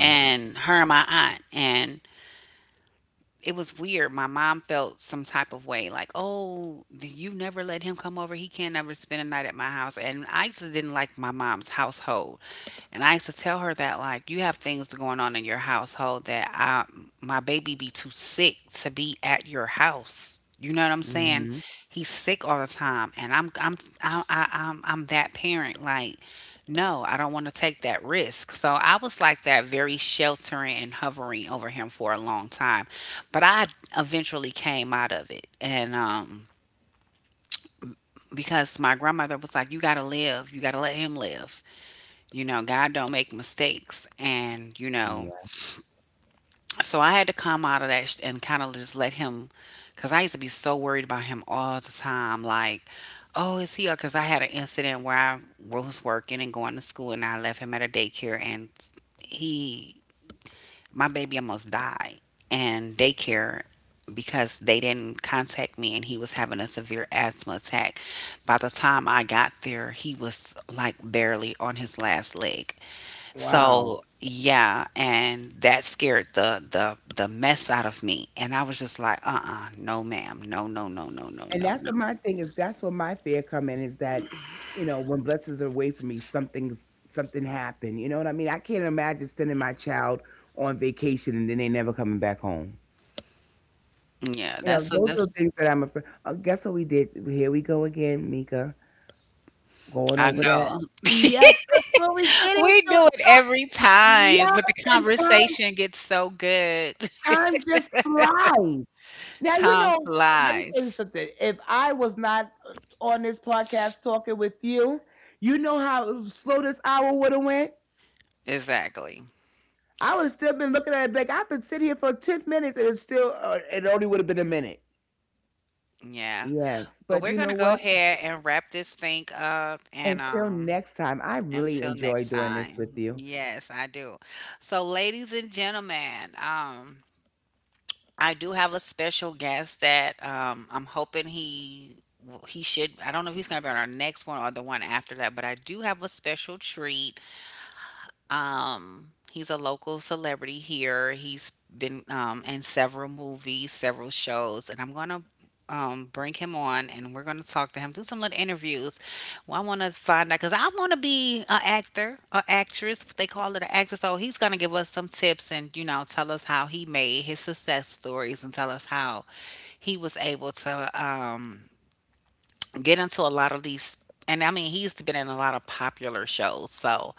S1: and her and my aunt. And it was weird. My mom felt some type of way like, oh, you never let him come over. He can't ever spend a night at my house. And I actually didn't like my mom's household. And I used to tell her that, like, you have things going on in your household that my baby be too sick to be at your house. You know what I'm saying?
S2: Mm-hmm.
S1: He's sick all the time, and I'm that parent. Like, no, I don't want to take that risk. So I was like that, very sheltering and hovering over him for a long time, but I eventually came out of it, and because my grandmother was like, you gotta live, you gotta let him live. You know, God don't make mistakes. And, you know,
S2: Yeah.
S1: so I had to come out of and kind of just let him, because I used to be so worried about him all the time. Like, oh, is he? Because I had an incident where I was working and going to school and I left him at a daycare and he, my baby almost died. And daycare, because they didn't contact me and he was having a severe asthma attack. By the time I got there, he was like barely on his last leg.
S2: Wow.
S1: So yeah, and that scared the mess out of me, and I was just like, uh-uh, no, ma'am, no, no, no, no, no,
S2: And
S1: no,
S2: that's
S1: no.
S2: what my thing is. That's what my fear come in is that, you know, when blessings are away from me, something happened. You know what I mean? I can't imagine sending my child on vacation and then they never coming back home.
S1: Yeah,
S2: You know,
S1: that's a,
S2: those are
S1: that's
S2: the things that I'm afraid. Guess what we did? Here we go again, Mika. Going
S1: I
S2: over that.
S1: know.
S2: Yes, because when we get
S1: We
S2: into
S1: do
S2: it,
S1: it every time, but
S2: yes,
S1: the
S2: and time
S1: conversation gets so good.
S2: time just flies. Now, you
S1: Time
S2: know, let me tell you
S1: flies.
S2: something. If I was not on this podcast talking with you, you know how slow this hour would have went?
S1: Exactly.
S2: I would have still been looking at it like I've been sitting here for 10 minutes and it's still, it only would have been a minute.
S1: Yeah.
S2: Yes,
S1: But
S2: but
S1: we're
S2: you know
S1: gonna go
S2: what?
S1: ahead and wrap this thing up and
S2: Until next time, I really
S1: until
S2: enjoy
S1: next
S2: doing this with
S1: time.
S2: you.
S1: Yes, I do. So ladies and gentlemen, I do have a special guest that I'm hoping he should. I don't know if he's gonna be on our next one or the one after that, but I do have a special treat. He's a local celebrity here. He's been in several movies, several shows, and I'm gonna bring him on and we're gonna talk to him, do some little interviews. Well, I want to find out because I want to be an actor, an actress. They call it an actress. So he's gonna give us some tips and you know tell us how he made his success stories and tell us how he was able to. Get into a lot of these, and I mean he's been in a lot of popular shows. So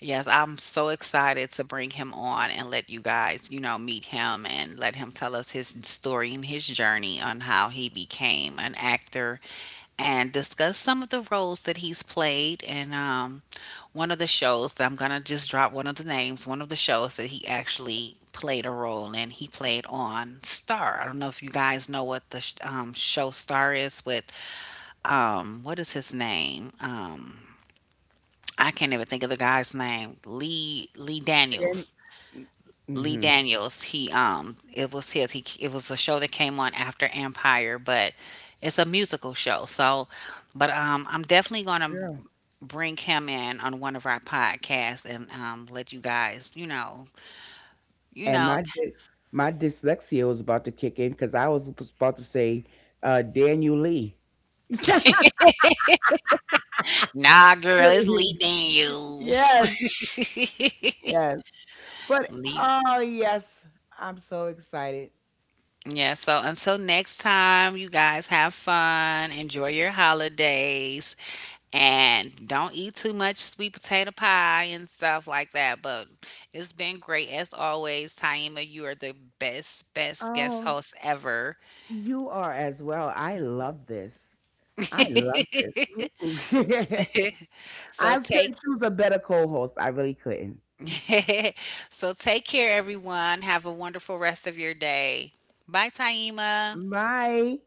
S1: yes, I'm so excited to bring him on and let you guys, you know, meet him and let him tell us his story and his journey on how he became an actor and discuss some of the roles that he's played, and one of the shows that I'm gonna just drop one of the names, one of the shows that he actually played a role in. He played on Star. I don't know if you guys know what the show Star is with what is his name I can't even think of the guy's name. Lee
S2: Then,
S1: Daniels. Lee
S2: mm-hmm.
S1: Daniels. He, it was his, he it was a show that came on after Empire, but it's a musical show. So but I'm definitely gonna
S2: Girl.
S1: bring him in on one of our podcasts, and let you guys, you know, you
S2: And
S1: know
S2: my dyslexia was about to kick in because I was about to say Daniel Lee.
S1: nah girl, it's Lee Daniels.
S2: Yes, yes. But
S1: Lee.
S2: oh yes, I'm so excited.
S1: Yeah, so until next time, you guys have fun, enjoy your holidays, and don't eat too much sweet potato pie and stuff like that. But it's been great as always, Taima. You are the best, best guest
S2: Oh,
S1: host ever.
S2: you are as well. I love this. I love this. Ooh.
S1: So
S2: I
S1: take
S2: couldn't choose a better co-host. I really couldn't.
S1: so take care, everyone. Have a wonderful rest of your day. Bye, Taima.
S2: Bye.